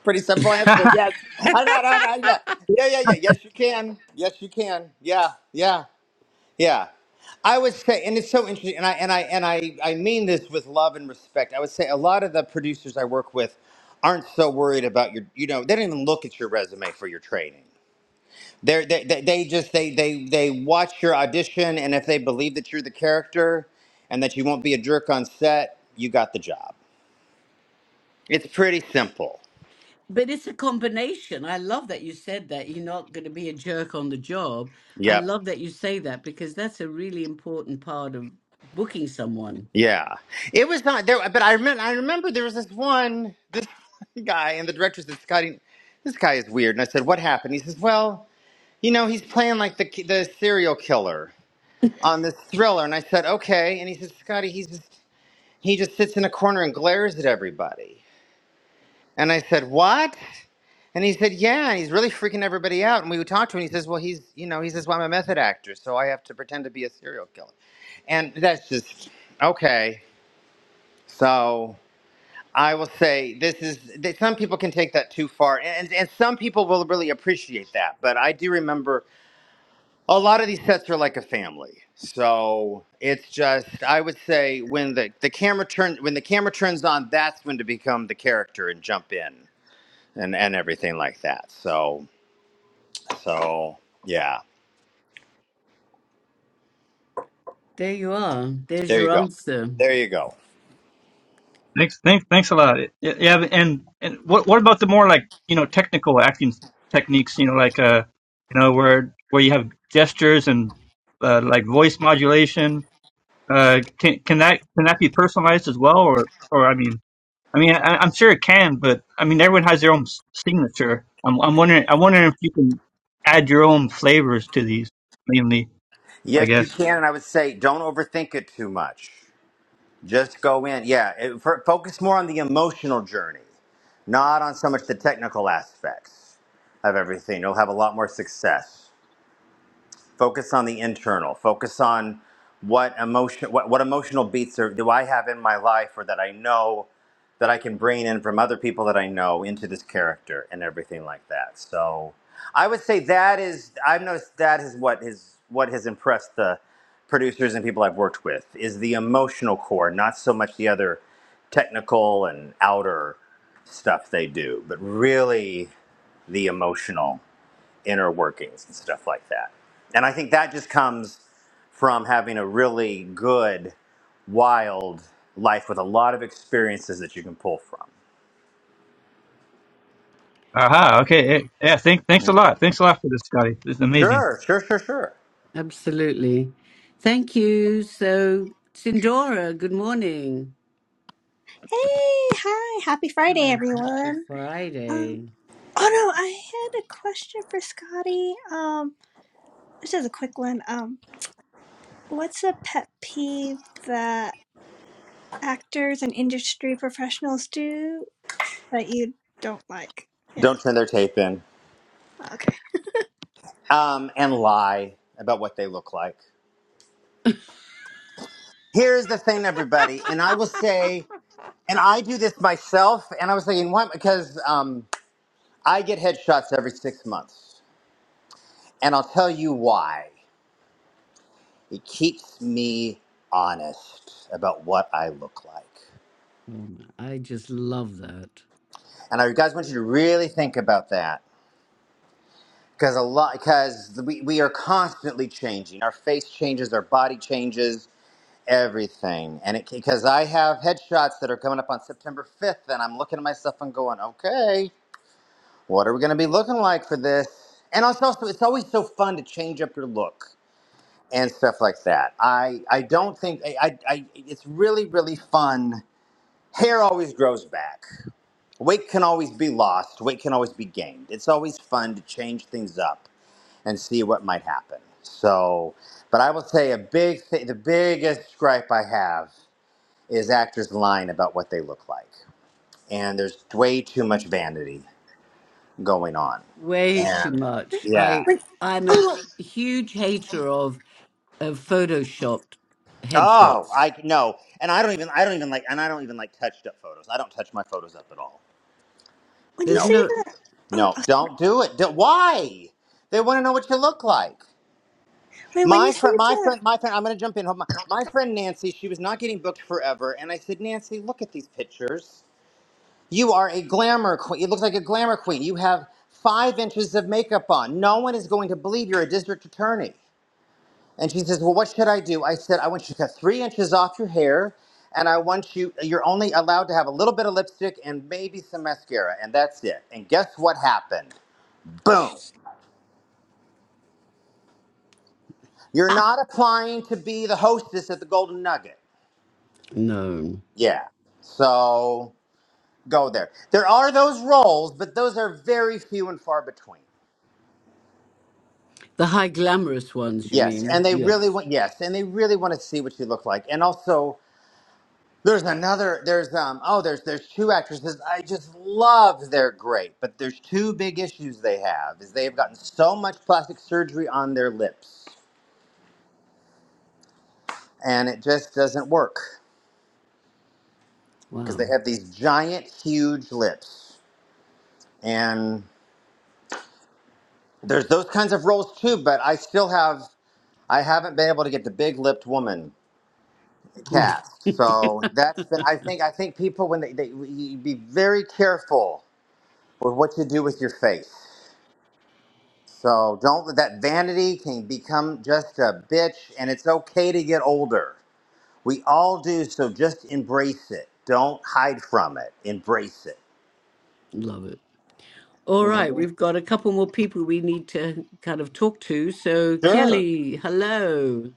S2: Pretty simple answer. Yes. I know, no, no, yeah. Yeah, yeah, yeah. Yes, you can. Yes, you can. Yeah, yeah, yeah. I would say, and it's so interesting, and I and I and I I mean this with love and respect. I would say a lot of the producers I work with aren't so worried about your, you know, they don't even look at your resume for your training. They're, they they they just they they they watch your audition, and if they believe that you're the character and that you won't be a jerk on set, you got the job. It's pretty simple.
S1: But it's a combination. I love that you said that. You're not going to be a jerk on the job. I
S2: Yep.
S1: love that you say that because that's a really important part of booking someone.
S2: Yeah, it was not there, but I remember. I remember there was this one, this guy, and the director said, "Scotty, this guy is weird." And I said, "What happened?" He says, "Well, you know, he's playing like the ki- the serial killer on this thriller." And I said, "Okay." And he says, "Scotty, he's just, he just sits in a corner and glares at everybody." And I said, "What?" And he said, "Yeah." And he's really freaking everybody out. And we would talk to him. And he says, "Well, he's you know, he says, well, I'm a method actor, so I have to pretend to be a serial killer." And that's just okay. So. I will say this is that some people can take that too far, and and some people will really appreciate that. But I do remember a lot of these sets are like a family, so it's just I would say when the the camera turn when the camera turns on, that's when to become the character and jump in and and everything like that. So so yeah,
S1: There you are. There's
S2: there you
S1: your
S2: go,
S1: answer.
S2: there you go.
S6: Thanks, thanks, thanks a lot. Yeah, yeah, and and what what about the more like you know technical acting techniques? You know, like uh, you know where where you have gestures and uh, like voice modulation. Uh, can can that can that be personalized as well? Or or I mean, I mean, I, I'm sure it can, but I mean, everyone has their own s- signature. I'm I'm wondering I'm wondering if you can add your own flavors to these mainly. I
S2: Yes, you
S6: guess.
S2: can, and I would say don't overthink it too much. Just go in. Yeah, it, fo- focus more on the emotional journey, not on so much the technical aspects of everything. You'll have a lot more success focus on the internal focus on what emotion what, what emotional beats are, do i have in my life or that i know that i can bring in from other people that i know into this character and everything like that so i would say that is i've noticed that is what is what has impressed the producers and people i've worked with is the emotional core not so much the other technical and outer stuff they do but really the emotional inner workings and stuff like that. And I think that just comes from having a really good, wild life with a lot of experiences that you can pull from.
S6: Aha. Okay. Yeah. yeah, Thank Thanks a lot. Thanks a lot for this, Scotty. This is amazing.
S2: Sure, sure, sure, sure.
S1: Absolutely. Thank you. So, Sindora, good morning.
S7: Hey, hi, happy Friday,
S1: Ah, happy
S7: everyone. Um,
S1: Friday.
S7: oh no, I had a question for Scotty. Um, this is a quick one. Um, what's a pet peeve that actors and industry professionals do that you don't like? Yeah,
S2: Don't turn their tape in
S7: okay.
S2: um, and lie about what they look like. Here's the thing, everybody, and I will say, and I do this myself, and I was thinking, why? Because um, I get headshots every six months, and I'll tell you why. It keeps me honest about what I look like.
S1: Oh, my- I just love that.
S2: And I guys want you to really think about that. Because a lot, because we, we are constantly changing. Our face changes, our body changes, everything. And it because I have headshots that are coming up on September 5th, and I'm looking at myself and going, okay, what are we going to be looking like for this? And also, also, it's always so fun to change up your look and stuff like that. I I don't think I, I, I it's really really fun Hair always grows back. Weight can always be lost. Weight can always be gained. It's always fun to change things up and see what might happen. So, but I will say a big thing, the biggest gripe I have is actors lying about what they look like. And there's way too much vanity going on.
S1: Way too
S2: And
S1: much.
S2: yeah.
S1: I
S7: When,
S1: I'm a
S7: oh,
S1: hu- huge hater of of photoshopped
S2: Oh,
S1: headshots.
S2: I no. And I don't even I don't even like and I don't even like touched up photos. I don't touch my photos up at all.
S7: when you
S1: There's
S2: No.
S7: say
S1: no
S7: that, oh,
S2: No,
S7: uh,
S2: don't do it. Don't- why? They want to know what you look like.
S7: wait, when you
S2: My
S7: say
S2: friend, my
S7: that.
S2: friend, my friend. I'm gonna jump in. Hold on. My friend Nancy, she was not getting booked forever, and I said, Nancy, look at these pictures. You are a glamour queen. It looks like a glamour queen. You have five inches of makeup on. No one is going to believe you're a district attorney. And she says, Well, what should I do? I said, I want you to cut three inches off your hair, and I want you. You're only allowed to have a little bit of lipstick and maybe some mascara, and that's it. And guess what happened? Boom.
S1: Sh-
S2: You're not applying to be the hostess at the Golden Nugget.
S1: no
S2: Yeah. So go there. There are those roles, but those are very few and far between.
S1: the high glamorous ones. You
S2: Yes, and
S1: mean?
S2: they really
S1: Yes.
S2: want yes, and they really want to see what you look like. And also there's another there's um oh there's there's two actresses I just love they're great, but there's two big issues they have is they've gotten so much plastic surgery on their lips and it just doesn't work because
S1: Wow.
S2: they have these giant huge lips. And There's those kinds of roles too, but I still have I haven't been able to get the big lipped woman cast. So that's been I think I think people when they, they you be very careful with what you do with your face. So don't let that vanity can become just a bitch and it's okay to get older. We all do, so just embrace it. Don't hide from it. Embrace it.
S1: Love it. All right,
S2: Mhm.
S1: we've got a couple more people we need to kind of talk to. So
S2: Sure.
S1: Kelly, hello.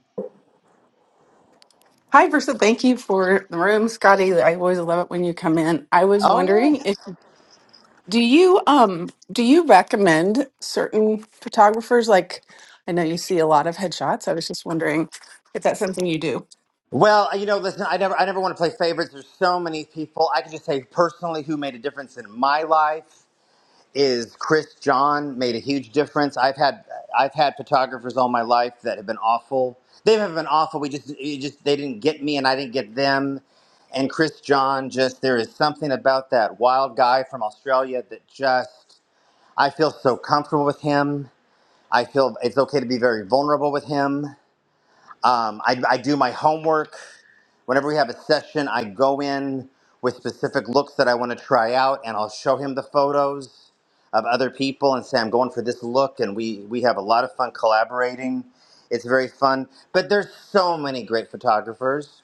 S8: Hi, Versa. Thank you for the room, Scotty. I always love it when you come in. I was
S2: Oh yeah.
S8: wondering if do you um do you recommend certain photographers? Like, I know you see a lot of headshots. I was just wondering if that's something you do.
S2: Well, you know, listen, I never I never want to play favorites. There's so many people. I can just say personally who made a difference in my life is Chris John made a huge difference. I've had I've had photographers all my life that have been awful. They haven't been awful. We just you just they didn't get me and I didn't get them. And Chris John just there is something about that wild guy from Australia that just I feel so comfortable with him. I feel it's okay to be very vulnerable with him. Um, I, I do my homework. Whenever we have a session, I go in with specific looks that I want to try out, and I'll show him the photos of other people and say, I'm going for this look. And we, we have a lot of fun collaborating. It's very fun. But there's so many great photographers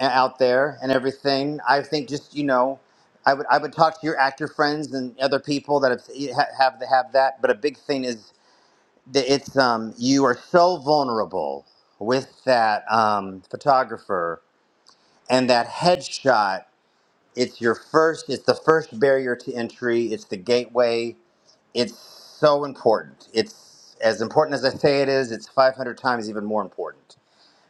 S2: a- out there and everything. I think just, you know, I would, I would talk to your actor friends and other people that have, have, have have that. But a big thing is th- it's um you are so vulnerable with that um photographer and that headshot it's your first it's the first barrier to entry it's the gateway it's so important it's as important as i say it is it's 500 times even more important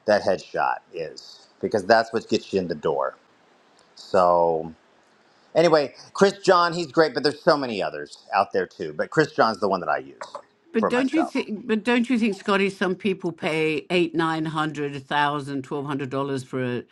S2: that headshot is because that's what gets you in the door so anyway chris john he's great but there's so many others out there too but chris john's the one that i use
S1: But
S2: for
S1: don't you
S2: myself
S1: think? But don't you think, Scotty? Some people pay eight, nine hundred, a thousand, twelve hundred dollars for a,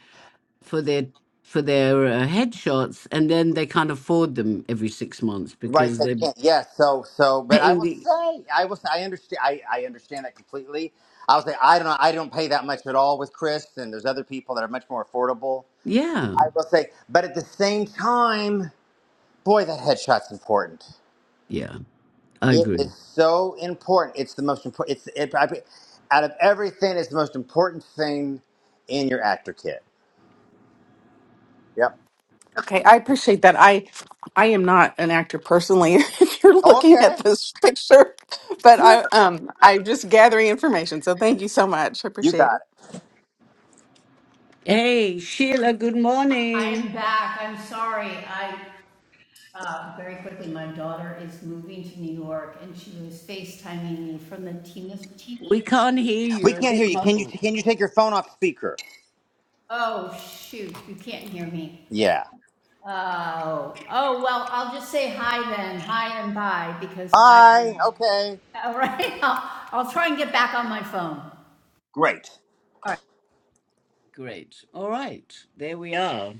S1: for their for their uh, headshots, and then they can't afford them every six months
S2: Right,
S1: because
S2: they
S1: they're
S2: can't. Yes, so so, but I
S1: paying
S2: will
S1: the.
S2: say, I will say, I understand. I, I understand that completely. I will say, I don't know. I don't pay that much at all with Chris, and there's other people that are much more affordable.
S1: Yeah,
S2: I will say, but at the same time, boy, that headshot's important.
S1: yeah, I
S2: It
S1: agree.
S2: is so important. It's the most important. It's it, I, out of everything, it's the most important thing in your actor kit. Yep.
S8: Okay, I appreciate that. I I am not an actor personally. If you're
S2: Oh,
S8: looking at
S2: okay.
S8: this picture, but I
S2: Sure.
S8: um I'm just gathering information. So thank you so much. I
S2: You
S8: appreciate
S2: got
S8: it.
S2: it.
S1: Hey, Sheila. Good
S9: I am
S1: morning.
S9: back. I'm sorry. I uh, very quickly, my daughter is moving to New York, and she was FaceTiming me from the Tina's TV.
S1: We can't hear you.
S2: We
S1: You're a
S2: can't hear
S1: bit
S2: you. Can you
S1: muffled.
S2: can you take your phone off speaker?
S9: Oh shoot, you can't hear me.
S2: Yeah.
S9: Oh, oh well, I'll just say hi then, hi and bye, because
S2: Hi.
S9: I.
S2: Okay.
S9: All right, I'll, I'll try and get back on my phone.
S2: Great.
S9: All right.
S1: Great. All right. There we are.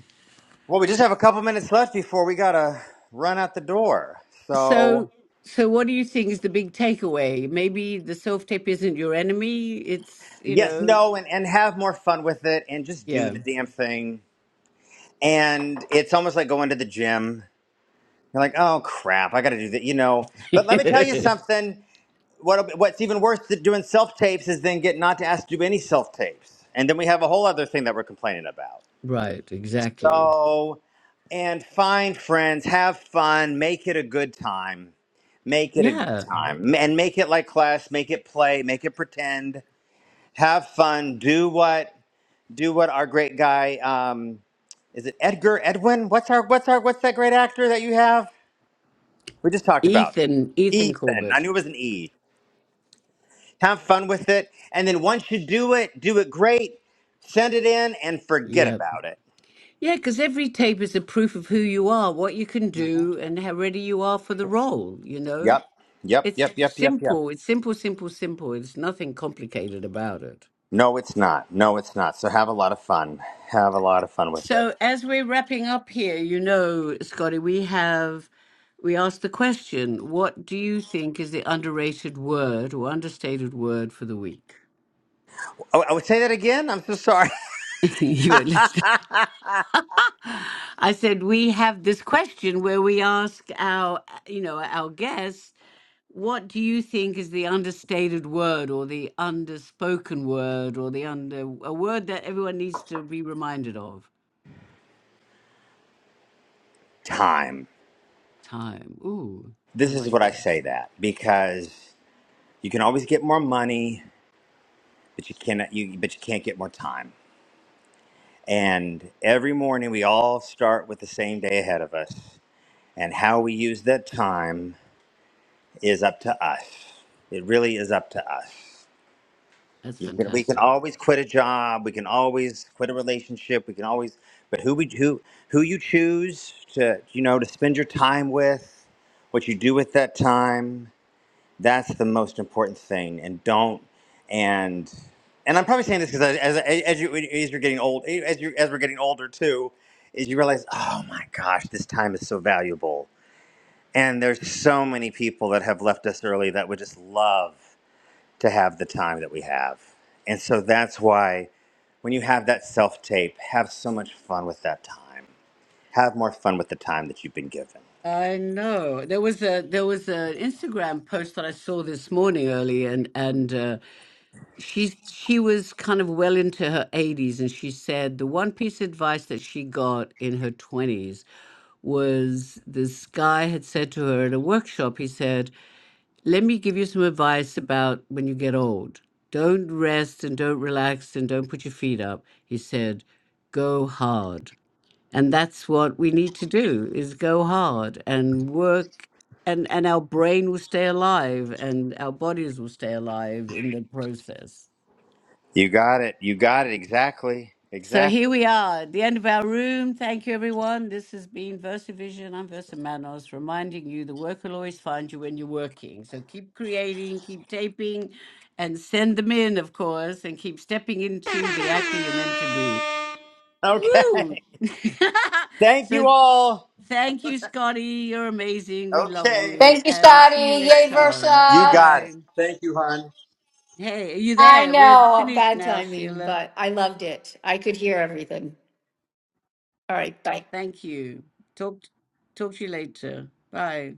S2: Well, we just have a couple minutes left before we gotta run out the door.
S1: So.
S2: So
S1: So, what do you think is the big takeaway? Maybe the self tape isn't your enemy. It's, you
S2: yes,
S1: know,
S2: no, and, and have more fun with it and just do
S1: yeah.
S2: the damn thing. And it's almost like going to the gym. You're like, oh crap, I gotta do that, you know. But let me tell you something. What what's even worse than doing self tapes is then get not to ask to do any self tapes. And then we have a whole other thing that we're complaining about.
S1: right, exactly.
S2: So and find friends, have fun, make it a good time Make it a good
S1: Yeah.
S2: time and make it like class, make it play, make it pretend, have fun, do what do what our great guy um is it Edgar Edwin? What's our what's our what's that great actor that you have? We just talked about
S1: Ethan, Ethan
S2: Ethan. I
S1: Corbett.
S2: knew it was an E. Have fun with it and then once you do it, do it great. Send it in and forget
S1: Yep.
S2: about it.
S1: Yeah, because every tape is a proof of who you are, what you can do, and how ready you are for the role, you know?
S2: Yep. Yep,
S1: It's
S2: yep, yep, yep, yep.
S1: simple. It's simple, simple, simple. It's nothing complicated about it.
S2: No, it's not. No, it's not. So have a lot of fun. Have a lot of fun with it.
S1: So, as we're wrapping up here, you know, Scotty, we have we asked the question, what do you think is the underrated word or understated word for the week?
S2: Oh, I would say that again. I'm so sorry.
S1: you at least I said, we have this question where we ask our, you know, our guests, what do you think is the understated word or the underspoken word or the under, a word that everyone needs to be reminded of?
S2: time.
S1: Time. Ooh, I
S2: This is
S1: like
S2: what I
S1: that.
S2: say that because you can always get more money, but you cannot you but you can't get more time. And every morning we all start with the same day ahead of us, and how we use that time is up to us. It really is up to us.
S1: That's
S2: You can, we can
S1: fantastic.
S2: always quit a job, we can always quit a relationship, we can always but who we who who you choose to you know to spend your time with, what you do with that time, That's the most important thing, and don't and and I'm probably saying this because as as you as you're getting old, as you as we're getting older too, is you realize, oh my gosh, this time is so valuable, and there's so many people that have left us early that would just love to have the time that we have, and so that's why when you have that self tape, have so much fun with that time. Have more fun with the time that you've been given.
S1: I know. There was a there was an Instagram post that I saw this morning early and and uh, she she was kind of well into her 80s and she said the one piece of advice that she got in her 20s was this guy had said to her at a workshop he said let me give you some advice about when you get old don't rest and don't relax and don't put your feet up he said go hard and that's what we need to do is go hard and work and and our brain will stay alive and our bodies will stay alive in the process
S2: You got it. You got it exactly.
S1: So here
S2: Exactly.
S1: we are at the end of our room. Thank you, everyone. This has been VersaVision. I'm Versa Manos, reminding you the work will always find you when you're working. So keep creating, keep taping, and send them in, of course, and keep stepping into the actor you're meant to be.
S2: Okay.
S1: Woo!
S2: Thank you
S1: so
S2: all.
S1: thank you, Scotty. You're amazing. We love
S2: Okay.
S1: you.
S9: Thank you,
S1: And
S9: Scotty.
S1: see you next
S9: Yay,
S1: time.
S2: You
S9: Versa.
S2: got it.
S1: Bye.
S2: Thank you, hon.
S1: Hey, are you
S9: I
S1: there? We're
S9: know
S1: finished
S9: bad
S1: now,
S9: timing,
S1: Sheila.
S9: but I loved it. I could hear everything. All right, bye.
S1: Thank you. Talk talk to you later. Bye.